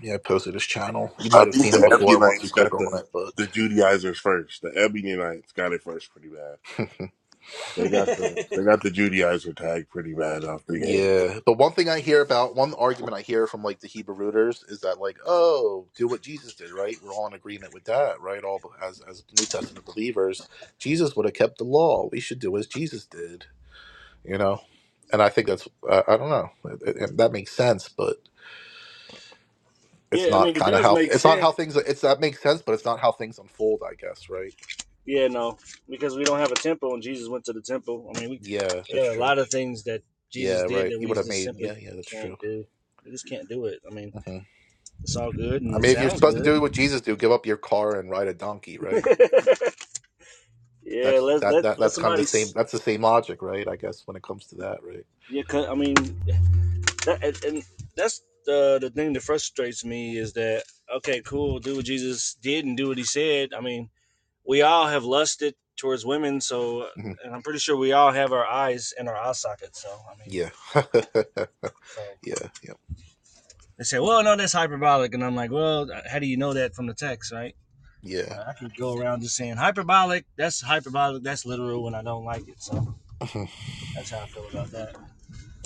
A: yeah I posted his channel you
C: I
A: might have
C: think
A: seen him
C: the
A: before once you
C: Ebionites
A: click
C: got
A: on
C: the
A: it but
C: the Judaizers first. The Ebionites got it first, pretty bad. They got the they got the Judaizer tag pretty bad off the gate,
A: Yeah, but one thing I hear about, one argument I hear from like the Hebrew rooters is that like, oh, do what Jesus did, right? We're all in agreement with that, right? All as as New Testament believers, Jesus would have kept the law. We should do as Jesus did, you know. And I think that's I, I don't know It- it- that makes sense, but it's
B: yeah, I
A: not
B: mean it
A: kind of
B: does
A: how
B: make
A: it's not
B: sense.
A: how things it's that makes sense, but it's not how things unfold, I guess, right?
B: Yeah, no, because we don't have a temple, and Jesus went to the temple. I mean, we
A: Yeah, that's
B: there are a
A: true.
B: lot of things that
A: Yeah,
B: Jesus did
A: right.
B: that
A: You
B: we
A: would have
B: just
A: made
B: simply
A: yeah, yeah, that's true.
B: can't do. We just can't do it. I mean,
A: hmm
B: it's all good
A: I
B: and it
A: mean, if you're
B: sounds
A: supposed to do
B: good.
A: what Jesus do, give up your car and ride a donkey, right?
B: yeah,
A: That's
B: let
A: that
B: let
A: that
B: let
A: that's kind of
B: somebody.
A: the same.
B: s-
A: That's the same logic, right? I guess when it comes to that, right?
B: Yeah, 'cause- I mean, that, and and that's the the thing that frustrates me is that okay, cool, do what Jesus did and do what he said. I mean, we all have lusted towards women, so
A: hmm
B: and I'm pretty sure we all have our eyes in our eye sockets. So I mean,
A: Yeah,
B: so.
A: yeah, yeah,
B: They say, well, no, that's hyperbolic. And I'm like, well, how do you know that from the text, right?
A: yeah.
B: Uh, I can go around just saying hyperbolic, that's hyperbolic, that's literal, and I don't like it. So
A: Mhm.
B: that's how I feel about that.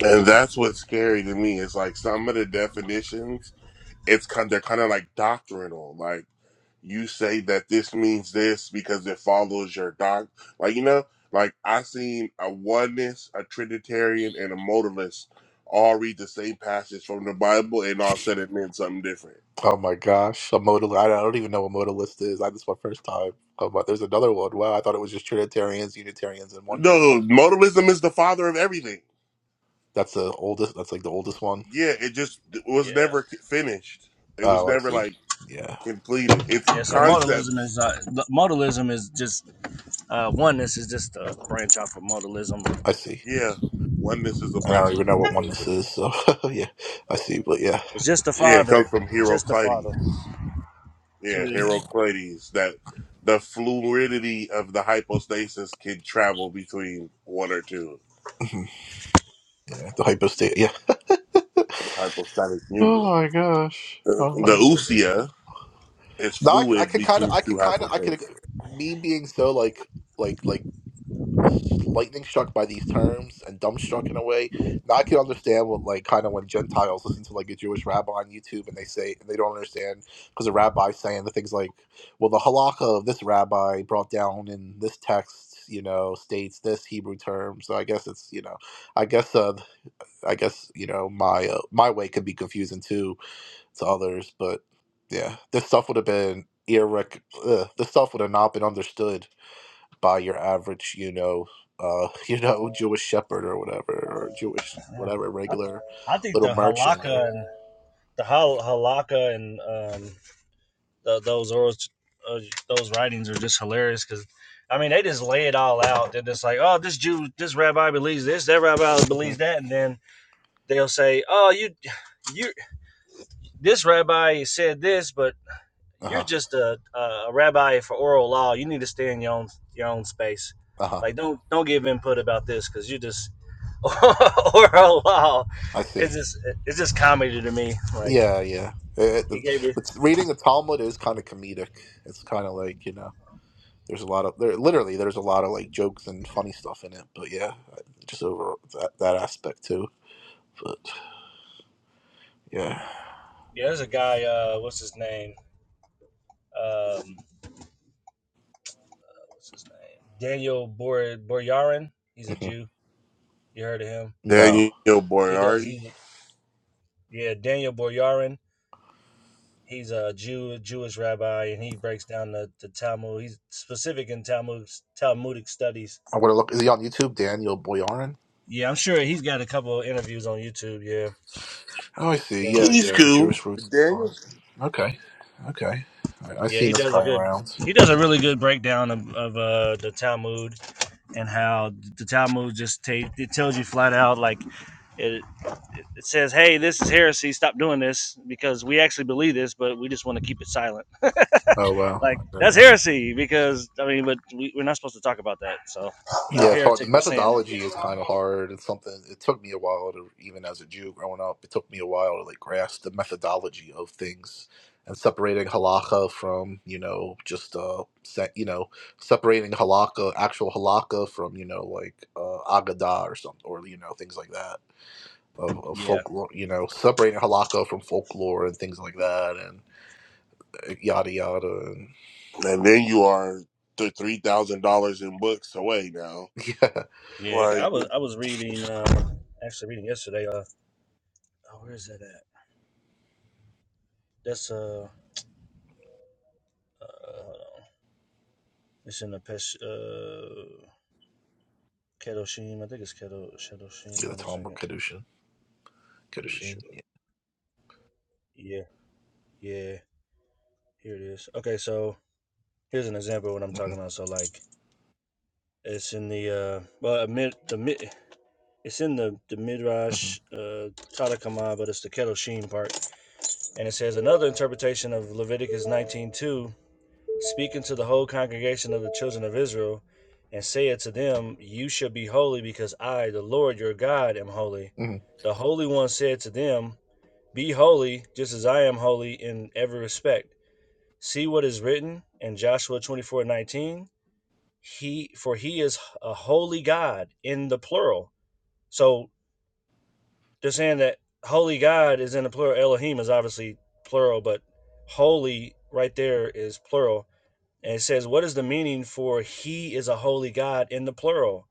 C: and that's what's scary to me. It's like some of the definitions it's kind they're kind of like doctrinal. Like you say that this means this because it follows your doc. Like you know, like I seen a oneness, a trinitarian, and a modalist all read the same passage from the Bible and all said it meant something different.
A: Oh my gosh, a modal. I don't even know what modalist is. I this is my first time. Oh, but there's another one. Wow, I thought it was just Trinitarians, Unitarians, and
C: No,
A: Oneness.
C: modalism is the father of everything.
A: That's the oldest. That's like the oldest one.
C: Yeah, it just was never
B: Yeah.
C: finished. It was
A: Oh, I
C: never
A: see.
C: like
A: Yeah,
C: completed. It's
B: Yeah, so
A: yeah,
B: modalism
C: concepts.
B: is, uh, modalism is just, uh, oneness is just a branch off of modalism.
A: I see.
C: Yeah, oneness is a
A: And I
C: branch
A: don't
C: of
A: even know what oneness
C: modalism.
A: is. So yeah, I see. But yeah,
B: It's just the
C: Yeah, it
B: Father,
C: comes from
B: just the Father.
C: Heraclides.
B: So
C: Yeah,
B: the,
A: yeah,
C: Heraclides, that the fluidity of the hypostasis can travel between one or two,
A: mhm. yeah. The hypostate. Yeah.
C: the hypostatic
A: Oh
C: union.
A: my gosh.
C: The,
A: Oh
C: the
A: my god.
C: usia is
A: Now I, I
C: fluid
A: can kind of,
C: between
A: I
C: two
A: can kind of, I could,
C: hypostases.
A: me being so like, like, like lightning struck by these terms and dumbstruck in a way. Now I can understand what, like, kind of when Gentiles listen to like a Jewish rabbi on YouTube and they say, and they don't understand because the rabbi's saying the things like, well, the halakha of this rabbi brought down in this text, you know, states this Hebrew term. So I guess it's, you know, I guess, uh, I guess, you know, my, uh, my way could be confusing too to others. But yeah, this stuff would have been irrec. Uh, this stuff would have not been understood by your average, you know, uh, you know, Jewish shepherd or whatever, or Jewish
B: yeah.
A: whatever
B: I,
A: regular
B: I think
A: little
B: the
A: merchant or.
B: halakha and the hal- halakha and um, tho- those oral, uh, those writings are just hilarious because, I mean, they just lay it all out. They're just like, oh, this Jew, this rabbi believes this, that rabbi
A: Yeah.
B: believes that, and then they'll say, oh, you, you, this rabbi said this, but
A: Uh
B: you're
A: huh.
B: just a, a a rabbi for oral law. You need to stay in your own your own space.
A: Uh huh.
B: Like, don't don't give input about this because you just oral law.
A: I see.
B: It's just it's just comedy to me. Like
A: Yeah, yeah. Uh,
B: he
A: the,
B: gave me.
A: but reading the Talmud is kind of comedic. It's kind of like you know, there's a lot of there. Literally, there's a lot of like jokes and funny stuff in it. But yeah, just over that that aspect too. But yeah,
B: Yeah, there's a guy. Uh, what's his name? Um, what's his name? Daniel Bor Boryarin. He's a
A: hmm
B: Jew. You heard of him?
A: no.
C: Daniel
B: He does.
C: Boyardi,
B: He yeah, Daniel Boryarin. He's a Jew, a Jewish rabbi, and he breaks down the, the Talmud. He's specific in Talmud Talmudic studies.
A: I want to look. Is he on YouTube? Daniel Boyarin.
B: Yeah, I'm sure he's got a couple of interviews on YouTube. Yeah,
A: Oh, I see.
B: yeah,
A: Yeah,
C: he's
A: yeah. The
C: cool.
A: Jewish roots. of
C: Daniel.
A: Boyarin. Okay, okay. I, I've
B: yeah.
A: seen
B: He
A: this
B: does a
A: guy
B: good.
A: around.
B: He does a really good breakdown of, of uh, the Talmud and how the Talmud just ta- it tells you flat out like it. it says, "Hey, this is heresy. Stop doing this because we actually believe this, but we just want to keep it silent."
A: Oh
B: like
A: wow.
B: that's heresy because I mean, but we, we're not supposed to talk about that. So you're
A: Yeah,
B: a
A: it's hard. The
B: heretic for saying it.
A: methodology is kind of hard. It's something. It took me a while to, even as a Jew growing up, it took me a while to like grasp the methodology of things and separating halacha from you know just uh se- you know separating halakha actual halakha from you know like uh, agada or something or you know things like that of, of
B: Yeah,
A: folklore you know separating halakha from folklore and things like that and uh, yada yada and
C: And then you are the $3,000 in books away now.
A: yeah,
B: yeah. I
C: Like,
B: was I was reading uh, actually reading yesterday. Uh, oh, where is that at? That's uh, uh it's in the Pesh uh Kedoshim. I think it's Kedo Kedoshim.
A: yeah the
B: Hold on a
A: Talmud
B: second.
A: kedushin
B: Pretty
A: kedushin
B: sure.
A: yeah.
B: Yeah, yeah. Here it is. Okay, so here's an example of what I'm talking
A: hmm
B: about. So like It's in the uh, well, mid the mid. It's in the the midrash uh, Tanakh, but it's the kedoshim part, and it says another interpretation of Leviticus 19:2, speaking to the whole congregation of the children of Israel, and saith to them, You shall be holy, because I, the Lord your God, am holy.
A: hmm
B: The Holy One said to them, Be holy, just as I am holy in every respect. See what is written in Joshua 24:19. He for he is a holy God in the plural. So they're saying that holy God is in the plural. Elohim is obviously plural, but holy right there is plural. And it says, What is the meaning for he is a holy God in the plural?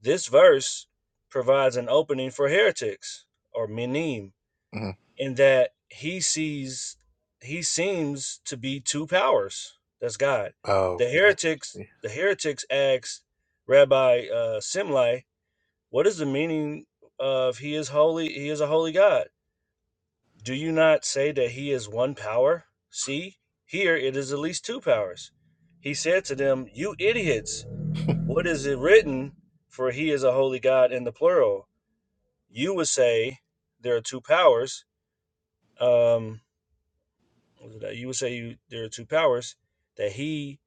B: This verse provides an opening for heretics or menim
A: hmm
B: in that he sees he seems to be two powers. That's God.
A: Oh,
B: The
A: yeah.
B: heretics the heretics asked Rabbi uh, Simlai, "What is the meaning of he is holy? He is a holy God. Do you not say that he is one power? See, here it is at least two powers." He said to them, "You idiots! What is it written? For he is a holy God in the plural. You would say there are two powers." Um, that you would say you, there are two powers that he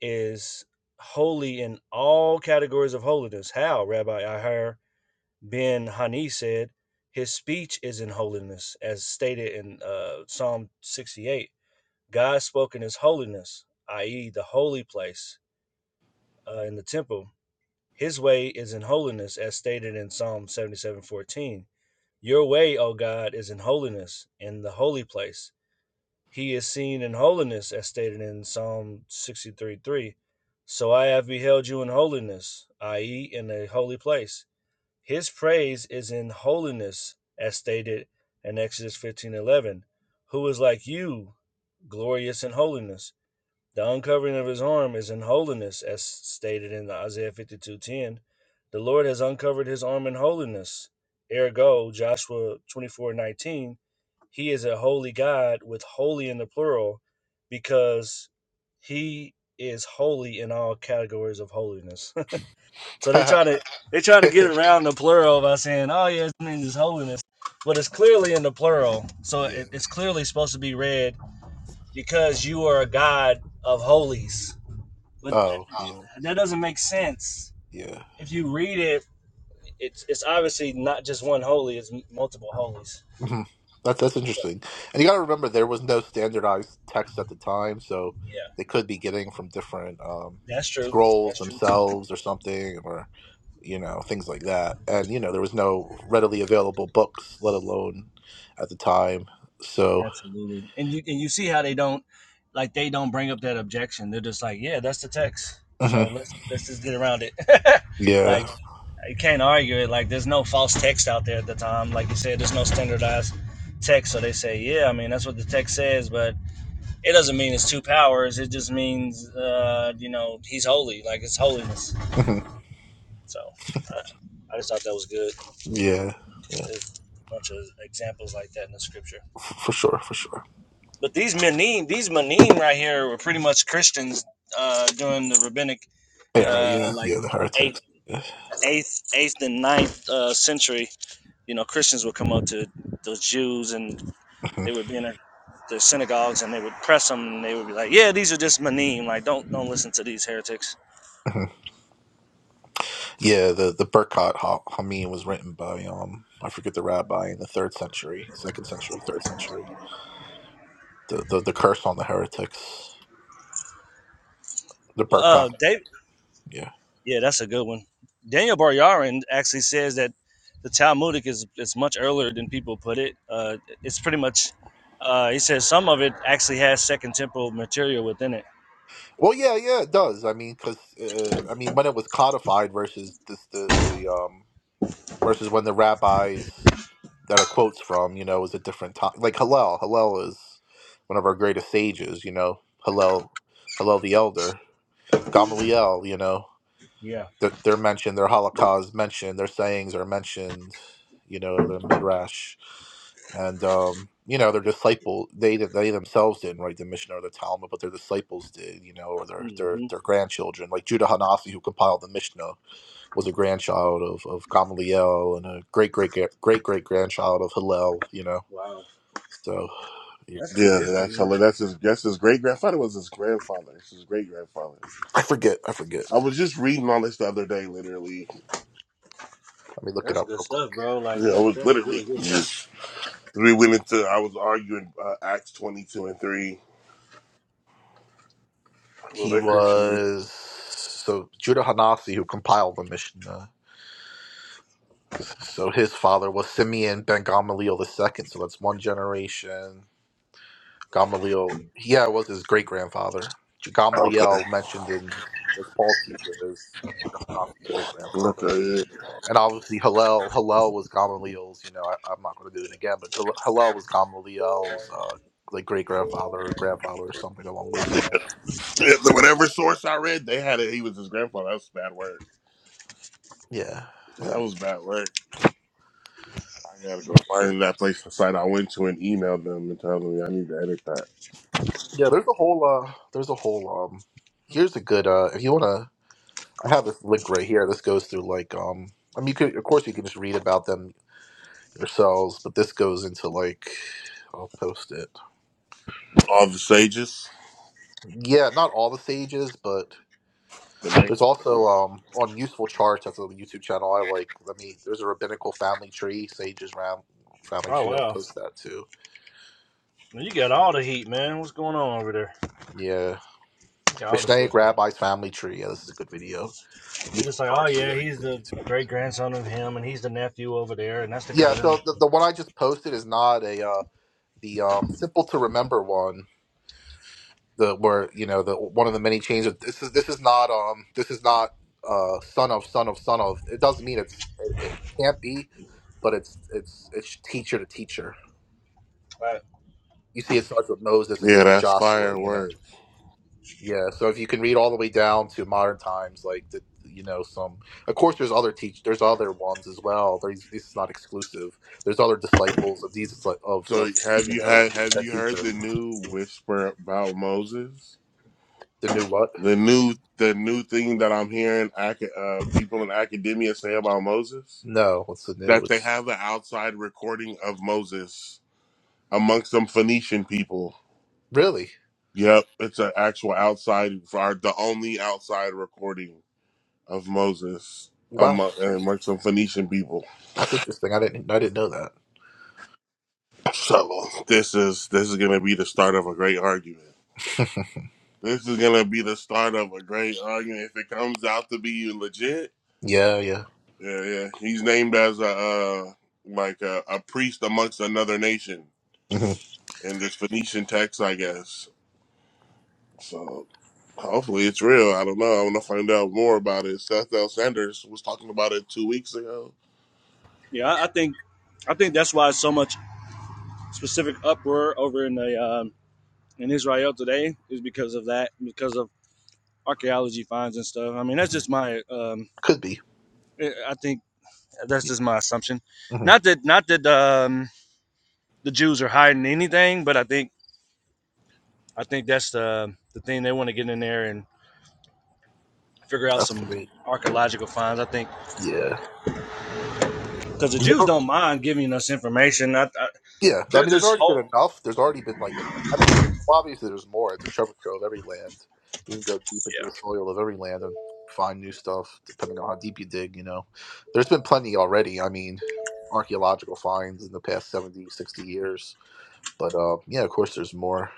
B: is holy in all categories of holiness. How, Rabbi Ahir ben Hani said, his speech is in holiness, as stated in uh, Psalm 68. God spoke in his holiness, i.e., the holy place uh, in the temple. His way is in holiness, as stated in Psalm 77 14. Your way, O God, is in holiness in the holy place He is seen in holiness, as stated in Psalm 63 3. So I have beheld you in holiness, i.e., in a holy place. His praise is in holiness, as stated in Exodus fifteen eleven. Who is like you, glorious in holiness? The uncovering of his arm is in holiness, as stated in Isaiah 52:10. The Lord has uncovered his arm in holiness. Ergo, Joshua 24:19, he is a holy God with holy in the plural because he is holy in all categories of holiness. so they try to they try to get around the plural by saying, "Oh yeah, it means it's holiness," but it's clearly in the plural. So
A: yeah.
B: it, it's clearly supposed to be read because you are a God of holies. But
A: Oh, yeah.
B: Oh, that doesn't make sense.
A: Yeah.
B: If you read it, it's it's obviously not just one holy; it's multiple holies.
A: hmm That's that's
B: So
A: interesting. And you got to remember there was no standardized text at the time, so
B: yeah,
A: they could be getting from different um,
B: that's true.
A: scrolls
B: That's true too.
A: themselves or something or you know, things like that. And you know, there was no readily available books, let alone at the time. So,
B: Absolutely. And you and you see how they don't like they don't bring up that objection. They're just like, yeah, that's the text. So
A: mhm.
B: let's let's just get around it. like
A: yeah.
B: you can't argue it. Like there's no false text out there at the time. Like you said, there's no standardized text. So they say, yeah, I mean that's what the text says, but It doesn't mean it's two powers. It just means, uh, you know, he's holy. Like it's holiness.
A: hmm
B: So I, I just thought that was good.
A: Yeah. Yeah.
B: There's a bunch of examples like that in the scripture.
A: F- For sure, for sure.
B: But these Manim, these Manim right here were pretty much Christians uh, during the rabbinic,
A: Era,
B: uh,
A: yeah.
B: like
A: Yeah, the
B: eighth,
A: heretics. Yeah.
B: eighth, eighth and ninth uh, century. You know, Christians would come up to those Jews and they would be in their, their synagogues and they would press them and they would be like, "Yeah, these are just Manim. Like, don't don't listen to these heretics."
A: Mhm. Yeah, the the Berkat Ha- Hamim was written by um I forget the rabbi in the third century, second century, third century. The the, the curse on the heretics, the
B: Well, uh,
A: Berkat.
B: Dave.
A: Yeah.
B: Yeah, that's a good one. Daniel Baryarin actually says that the Talmudic is, is much earlier than people put it. Uh, it's pretty much, uh, he says some of it actually has Second Temple material within it.
A: Well, yeah, yeah, it does. I mean, because uh, I mean, when it was codified versus this the the um versus when the rabbis that it quotes from, you know, is a different time. Like Hillel, Hillel is one of our greatest sages. You know, Hillel, Hillel the Elder, Gamaliel. You know.
B: Yeah.
A: They're, they're mentioned, their Holocaust mentioned, their sayings are mentioned, you know, their Midrash. And, um, you know, their disciple, they they themselves didn't write the Mishnah or the Talmud, but their disciples did, you know, or their their,
B: hmm
A: their grandchildren. Like Judah Hanasi, who compiled the Mishnah, was a grandchild of, of Gamaliel and a great, great, great, great great grandchild of Hillel, you know.
B: Wow.
A: So, yeah.
B: That's good
C: yeah,
B: history,
C: that's, how-
B: man.
C: that's his, that's his great grandfather was his grandfather. It's his great grandfather.
A: I forget. I forget.
C: I was just reading all this the other day, literally.
A: Let me look it
B: That's
A: up
B: good
A: real quick.
B: stuff, bro. Like,
C: Yeah, I
B: that,
C: was
B: that's
C: literally.
B: really good stuff.
C: We went into. I was arguing uh, Acts twenty two and three. Well,
A: He
C: that Christian.
A: was so Judah Hanasi, who compiled the Mishnah. So his father was Simeon ben Gamaliel the second. So that's one generation. Gamaliel, yeah, it was his great grandfather.
C: Okay.
A: Gamaliel mentioned in as Paul's teacher is Judah Hanafi's great
C: Okay.
A: grandfather,
C: Yeah.
A: and obviously Hillel. Hillel was Gamaliel's. You know, I, I'm not going to do it again, but Gal- Hillel was Gamaliel's uh, like great grandfather, or grandfather, or something along those lines.
C: Yeah, the- Whatever source I read, they had it. He was his grandfather. That was bad work.
A: Yeah, Uh,
C: That was bad work. I gotta go
A: but
C: find that place, the site I went to, and email them and tell them "Yeah, I need to edit that.
A: yeah. There's a whole. Uh, there's a whole. Um, here's a good. Uh, if you want to I have this link right here. This goes through like um. I mean, you could of course you can just read about them yourselves, but this goes into like I'll post it.
C: All the sages.
A: Yeah, not all the sages, but
C: The name.
A: there's also um on useful charts. That's a YouTube channel I like. Let me. There's a rabbinical family tree, sages ram family
B: Oh,
A: tree. I'll
B: wow.
A: post that too.
B: Well, You got all the heat, man. What's going on over there?
A: Yeah,
B: You got all the
A: Mishnaic
B: sources.
A: Rabbi's family tree. Yeah, this is a good video.
B: You're
A: Useful
B: just like, oh,
A: charts is a
B: yeah,
A: very
B: he's
A: good
B: the
A: YouTube.
B: great grandson of him, and he's the nephew over there, and that's the
A: Yeah,
B: cousin.
A: so the, the one I just posted is not a uh, the um simple to remember one the where you know the one of the many chains of this is this is not um this is not uh son of son of son of it doesn't mean it's it, it can't be but it's it's it's teacher to teacher
B: Right.
A: you see it starts with moses and
C: Yeah,
A: goes to
C: that's
A: joshua you know
C: firework.
A: yeah so if you can read all the way down to modern times like the you know some of course there's other teach there's other ones as well there's this is not exclusive there's other disciples of these disci- of
C: So
A: of
C: have
A: you
C: you
A: know
C: had have
A: said
C: you heard
A: teacher
C: the new whisper about Moses?
A: the new what
C: The new the new thing that I'm hearing aca- uh, people in academia say about Moses?
A: no what's the new
C: that they have the outside recording of Moses amongst some Phoenician people.
A: really
C: Yep, it's an actual outside, or the only outside recording of Moses
A: wow
C: among, amongst some Phoenician people.
A: That's interesting. I didn't. I didn't know that.
C: So this is this is gonna be the start of a great argument. This is gonna be the start of a great argument. If it comes out to be legit,
A: Yeah. Yeah.
C: yeah, yeah, he's named as a uh, like a, a priest amongst another nation
A: hmm
C: in this Phoenician text, I guess. So Hopefully it's real. I don't know. I want to find out more about it. Seth L. Sanders was talking about it two weeks ago.
B: Yeah, I I think I think that's why so much specific uproar over in the um, in Israel today is because of that, because of archaeology finds and stuff. I mean, that's
A: hmm
B: just my um,
A: Could be.
B: eh, I think that's
A: Yeah.
B: just my assumption.
A: hmm
B: Not that not that um, the Jews are hiding anything, but I think I think that's the the thing they want to get in there and figure out
A: That's could
B: some
A: be.
B: archaeological finds. I think
A: Yeah.
B: because the
A: And there's
B: Jews
A: al-
B: don't mind giving us information. I, I,
A: Yeah. I
B: they're
A: mean, there's
B: just
A: already
B: hope.
A: been enough. There's already been like enough. I'm, obviously, there's more. It's a treasure trove of every land. You can go deep into the soil of every land and find new stuff, depending on how deep you dig. You know, there's been plenty already. I mean, archaeological finds in the past 70, 60 years. But uh, yeah, of course, there's more.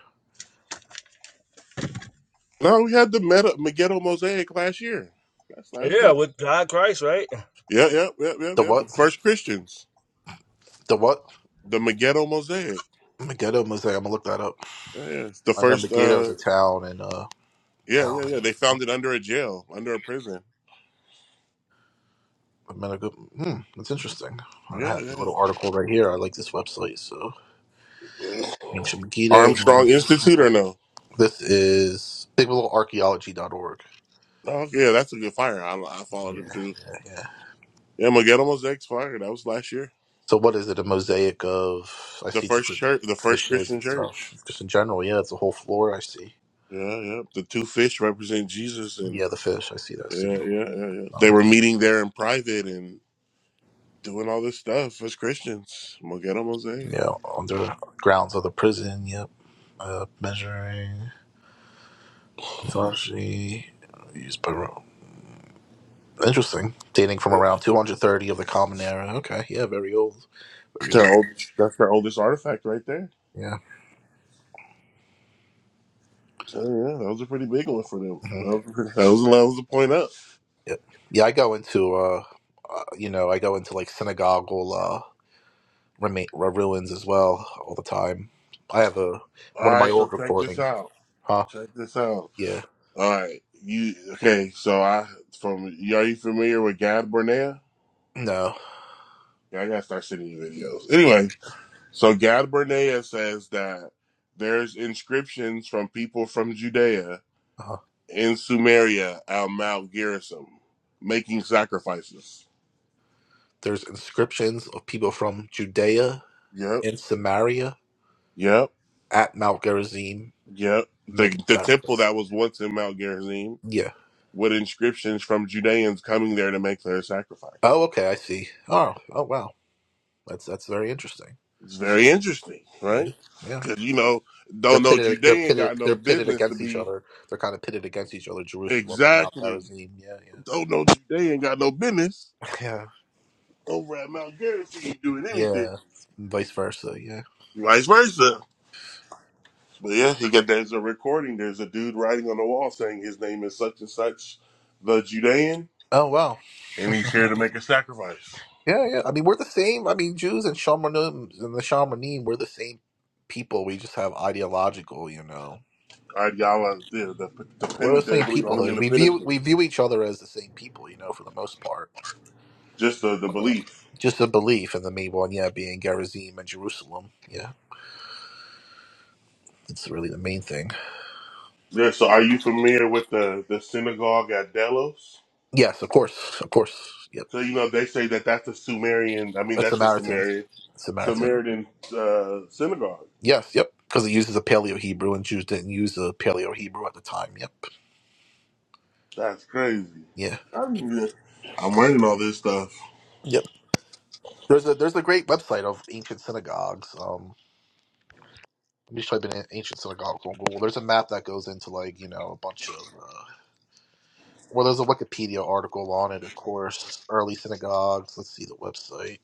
C: No, we had the Meta Megiddo Mosaic last year. That's
B: Yeah,
C: that's
B: yeah,
C: like
B: with God Christ, right?
C: yeah, yeah, yeah, yeah,
A: The
C: yeah. But
A: what?
C: the first Christians,
A: The what?
C: the Megiddo Mosaic.
A: Megiddo Mosaic. I'm gonna look that up.
C: Yeah, yeah. It's the
A: I know
C: first.
A: Megiddo is
C: uh
A: a town, and uh,
C: Yeah,
A: Town.
C: yeah, yeah. They
A: me.
C: found it under a jail, under a prison.
A: But men are good. Hmm, that's interesting. I
C: Yeah,
A: have a
C: yeah.
A: little article right here. I like this website. So,
C: yeah.
A: Ancient Megiddo.
C: Armstrong
A: Northern Israel.
C: Institute or no?
A: This is biblicalarchaeology.org.
C: Oh, yeah, that's a good fire. I, I followed
A: Yeah,
C: him too.
A: yeah, yeah.
C: Yeah, Megiddo Mosaic's fire. That was last year.
A: So, what is it? A mosaic of, I
C: The
A: see
C: first
A: different
C: church, the first
A: fishes
C: Christian
A: and
C: church.
A: stuff. Just in general, yeah, it's a whole floor I see.
C: Yeah, yeah. The two fish represent Jesus, and
A: Yeah, the fish. I see that
C: yeah,
A: signal
C: yeah, yeah, yeah. They
A: sign.
C: were meeting there in private and doing all this stuff as Christians. Mogetta mosaic.
A: Yeah, under grounds of the prison. Yep. Uh, measuring. Mythology. Used by Interesting. Dating from
C: It's
A: around 230 of the Common Era. Okay. Yeah, very old. Very old.
C: their oldest, that's their oldest artifact right there.
A: Yeah.
C: So yeah, that was a pretty big one for them.
A: hmm
C: That was, that was, that was the point up.
A: Yep. Yeah, I go into, uh, uh, you know, I go into like synagogal uh, remain, uh, ruins as well all the time. I have a
C: All
A: one of my
C: right, so
A: old
C: check this
A: recordings.
C: out.
A: Huh?
C: Check this out.
A: Yeah.
C: All right, you okay? So I from you are you familiar with Gad Bernea?
A: No.
C: Yeah, I gotta start sending you videos. Anyway, So Gad Bernea says that there's inscriptions from people from Judea
A: uh
C: in Sumeria at Mount Gerizim making sacrifices.
A: There's inscriptions of people from Judea
C: Yep,
A: and Samaria
C: yep,
A: at Mount Gerizim
C: yep. The,
A: making
C: the temple
A: sacrifices.
C: that was once in Mount Gerizim
A: Yeah.
C: with inscriptions from Judeans coming there to make their sacrifice.
A: Oh, okay. I see. Oh, oh, wow. That's that's very interesting.
C: It's very interesting,
A: Yeah.
C: right?
A: Yeah.
C: Because, you know,
A: They're
C: don't know
A: pitted. They're
C: Judean
A: pitted.
C: got no
A: They're pitted
C: business to
A: against each
C: be
A: other. They're kind of pitted against each other. Jerusalem and Mount
C: exactly,
A: Gerizim. Yeah, yeah,
C: don't know Judean got no business
A: yeah,
C: over at Mount Gerizim doing anything.
A: yeah. Vice versa. Yeah.
C: Vice versa. But yeah, he got there's a recording. There's a dude writing on the wall saying his name is such and such, the Judean,
A: Oh wow.
C: and he's here to make a sacrifice.
A: Yeah, yeah. I mean, we're the same. I mean, Jews and Shamanim and the Shamanim, we're the same people. We just have ideological, you know.
C: All right, y'all, uh, the, the, the
A: We're the
C: Pentateuch,
A: same
C: I believe only in
A: peoplehood.
C: the
A: We view we
C: Pentateuch,
A: view each other as the same people, you know, for the most part.
C: just the, the belief.
A: Just a belief, in the main one, yeah, being Gerizim and Jerusalem. Yeah, it's really the main thing.
C: Yeah, so are you familiar with the, the synagogue at Delos?
A: Yes, of course, of course. Yep.
C: So, you know, they say that that's a Sumerian, I mean,
A: A
C: that's a
A: Samaritan.
C: Sumerian,
A: Samaritan.
C: Samaritan uh, synagogue.
A: Yes, yep. Because it uses a Paleo Hebrew and Jews didn't use the Paleo Hebrew at the time. Yep.
C: That's crazy.
A: Yeah.
C: I'm, I'm learning all this stuff.
A: Yep. There's a there's a great website of ancient synagogues. Um, let me just type in an- ancient synagogues on Google. There's a map that goes into like you know a bunch of. Uh, well, there's a Wikipedia article on it, of course. Early synagogues. Let's see the website.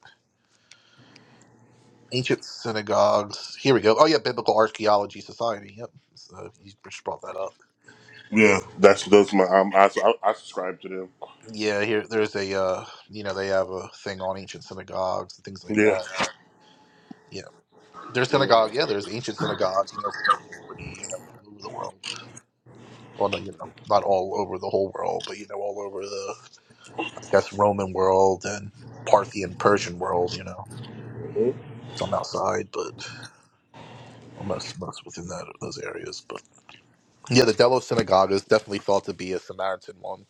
A: Ancient synagogues. Here we go. Oh yeah, Biblical Archaeology Society. Yep. So you just brought that up.
C: Yeah, that's those my um, I, I I subscribe to them.
A: Yeah, here there's a uh, you know they have a thing on ancient synagogues and things like
C: Yeah,
A: that. Yeah, there's
C: yeah.
A: synagogue. Yeah, there's ancient synagogues. You know, from antiquity. You know, all over the world. Well, no, you know, not all over the whole world, but you know, all over the I guess Roman world and Parthian Persian world. You know,
C: Mhm.
A: some outside, but well, most most within that those areas. But yeah, the Delos synagogue is definitely thought to be a Samaritan one,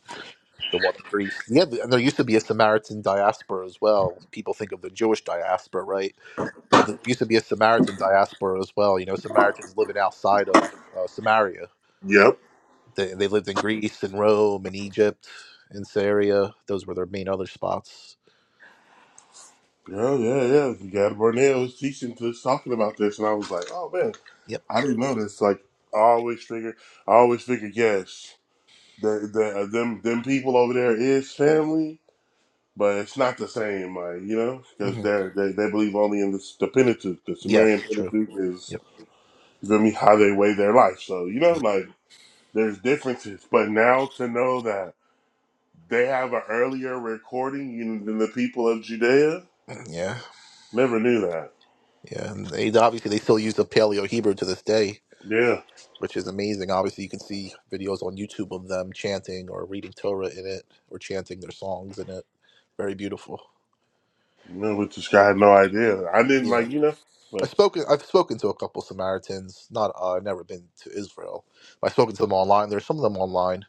A: the one in Greece. Yeah, and there used to be a Samaritan diaspora as well. People think of the Jewish diaspora, right? but there used to be a Samaritan diaspora as well. You know, Samaritans living outside of uh, Samaria.
C: yep,
A: They, they lived in Greece and Rome and Egypt and Syria. Those were their main other spots.
C: yeah, yeah, yeah. Gad Barnett was teaching this, talking about this, and I was like, oh man,
A: Yep.
C: I didn't know this. Like, I always figure, I always figure, yes, the the uh, them them people over there is family, but it's not the same, like you know, because
A: hmm
C: they they they believe only in this, the Pentateuch, the
A: Yes,
C: Sumerian
A: true.
C: Pentateuch is
A: Yep.
C: you feel me how they weigh their life. So you know,
A: Yep.
C: like there's differences, but now to know that. They have an earlier recording than the people of Judea.
A: Yeah.
C: Never knew that.
A: Yeah. And they, obviously, they still use the Paleo Hebrew to this day,
C: Yeah,
A: which is amazing. Obviously, you can see videos on YouTube of them chanting or reading Torah in it or chanting their songs in it. Very beautiful.
C: no, we just got no idea. I didn't
A: Yeah.
C: like you know
A: I've
C: like
A: spoken. I've spoken to a couple Samaritans. Not. Uh, I've never been to Israel. I've spoken to them online. There's some of them online.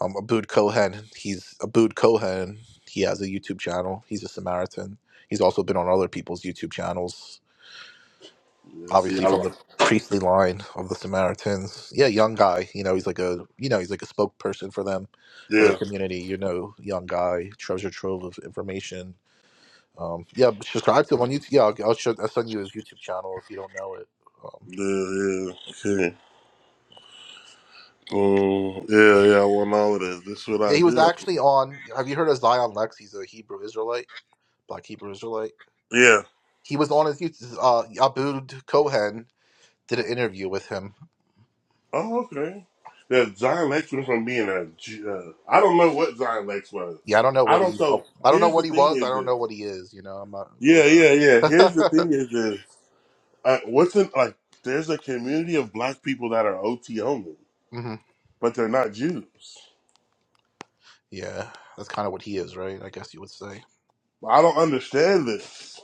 A: Um, Abood Cohen. He's Abood Cohen. He has a YouTube channel. He's a Samaritan. He's also been on other people's YouTube channels.
C: yeah, see
A: Obviously
C: I
A: from
C: like
A: the priestly line of the Samaritans. Yeah, young guy. You know, he's like a. You know, he's like a spokesperson for them, for their
C: yeah
A: community. You know, young guy, treasure trove of information. Um, yeah, but subscribe to him on YouTube. Yeah, I'll, I'll, show, I'll send you his YouTube channel if you don't know it. um,
C: yeah yeah okay um, yeah yeah I want all of this. This is what
A: Yeah,
C: I
A: he was
C: do.
A: actually on. Have you heard of Zion Lex? He's a Hebrew Israelite, black Hebrew Israelite.
C: Yeah.
A: He was on his Uh, Abud Cohen did an interview with him.
C: Oh okay. Yeah, Zion Lex went from being a G- uh, I don't know what Zion Lex was.
A: Yeah, I don't know
C: I
A: what
C: don't.
A: he. Oh,
C: So
A: I don't know
C: here's the
A: what he
C: thing
A: was. I
C: is
A: don't
C: this.
A: know what he is. You know, I'm not.
C: Yeah yeah yeah.
A: But
C: Here's the
A: uh,
C: thing is this. Uh, what's in like? There's a community of black people that are OT only,
A: hmm
C: but they're not Jews.
A: yeah, that's kind of what he is, right? I guess you would say.
C: I don't understand this.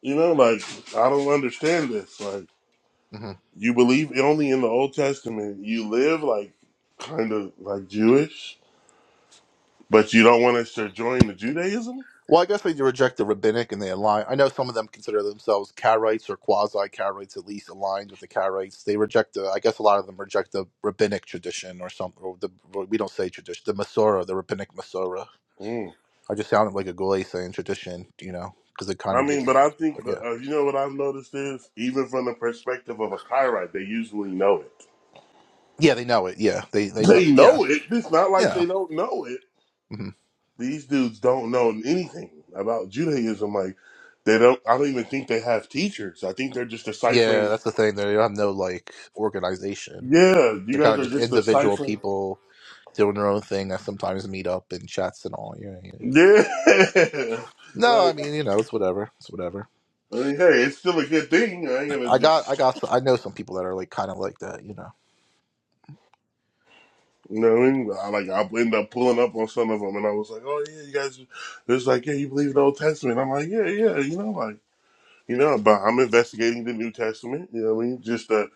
C: You know, like I don't understand this. Like
A: mm-hmm.
C: you believe only in the Old Testament. You live like kind of like Jewish, but you don't want us to join the Judaism.
A: Well, I guess they reject the rabbinic and they align. I know some of them consider themselves Karaites or quasi Karaites, at least aligned with the Karaites. They reject the. I guess a lot of them reject the rabbinic tradition or some. Or the or we don't say tradition. The Masorah, the rabbinic Masorah.
C: Mm.
A: I just sounded like a goy saying tradition, you know, because it kind
C: I
A: of
C: mean,
A: gives. it-
C: but I think
A: But yeah,
C: uh, you know what I've noticed is even from the perspective of a Kyrite, they usually know it.
A: yeah, they know it. Yeah, they they know.
C: They
A: Yeah,
C: know it. It's not like
A: yeah,
C: they don't know
A: hmm
C: These dudes don't know anything about Judaism. Like they don't. I don't even think they have teachers. I think they're just
A: yeah.
C: deciphering.
A: That's the thing. They have no like organization.
C: Yeah, you
A: They're kind
C: guys
A: of
C: are
A: just
C: just
A: individual
C: deciphering.
A: people doing their own thing that sometimes meet up in chats and all. Yeah. yeah.
C: Yeah,
A: No, I
C: like
A: mean, you know, it's whatever. It's whatever.
C: I mean, hey, it's still a good thing. I ain't gonna
A: I got, I
C: just.
A: got, I know some people that are like kind of like that, you know.
C: You know what I mean? I, like I'll end up pulling up on some of them, and I was like, "Oh yeah, you guys." It's like, "Yeah, you believe the Old Testament?" I'm like, "Yeah, yeah." You know, like you know, but I'm investigating the New Testament. You know what I mean? Just uh,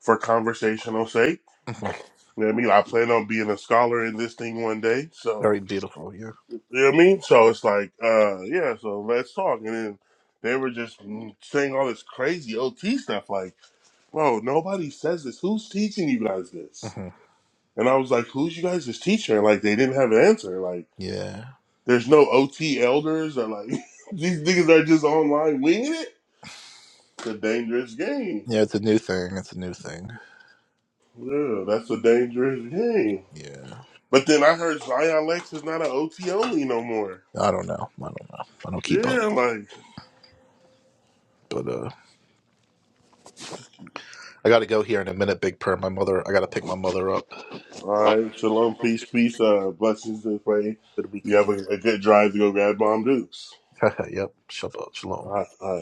C: for conversational sake.
A: hmm
C: You know what I mean? I plan on being a scholar in this thing one day.
A: Very
C: So,
A: beautiful, yeah.
C: you know what I mean? So it's like, uh, yeah, so let's talk. And then they were just saying all this crazy OT stuff like, bro, nobody says this. Who's teaching you guys this?
A: hmm
C: And I was like, who's you guys' teacher? And like, they didn't have an answer. Like,
A: Yeah.
C: there's no OT elders or like, these niggas are just online winging it. It's a dangerous game.
A: Yeah, it's a new thing. It's a new thing.
C: Yeah, that's a dangerous game.
A: Yeah.
C: But then I heard Zion Lex is not an OT only no more.
A: I don't know. I don't know. I don't keep up.
C: Yeah, like,
A: But uh I got to go here in a minute, Big per. My mother, I got to pick my mother up.
C: All right, shalom, peace, peace, uh, blessings and pray.
A: Good
C: You have
A: weekend.
C: a, a good drive to go grab bomb Dukes.
A: yep. Shabbat. Shalom.
C: All right, all right.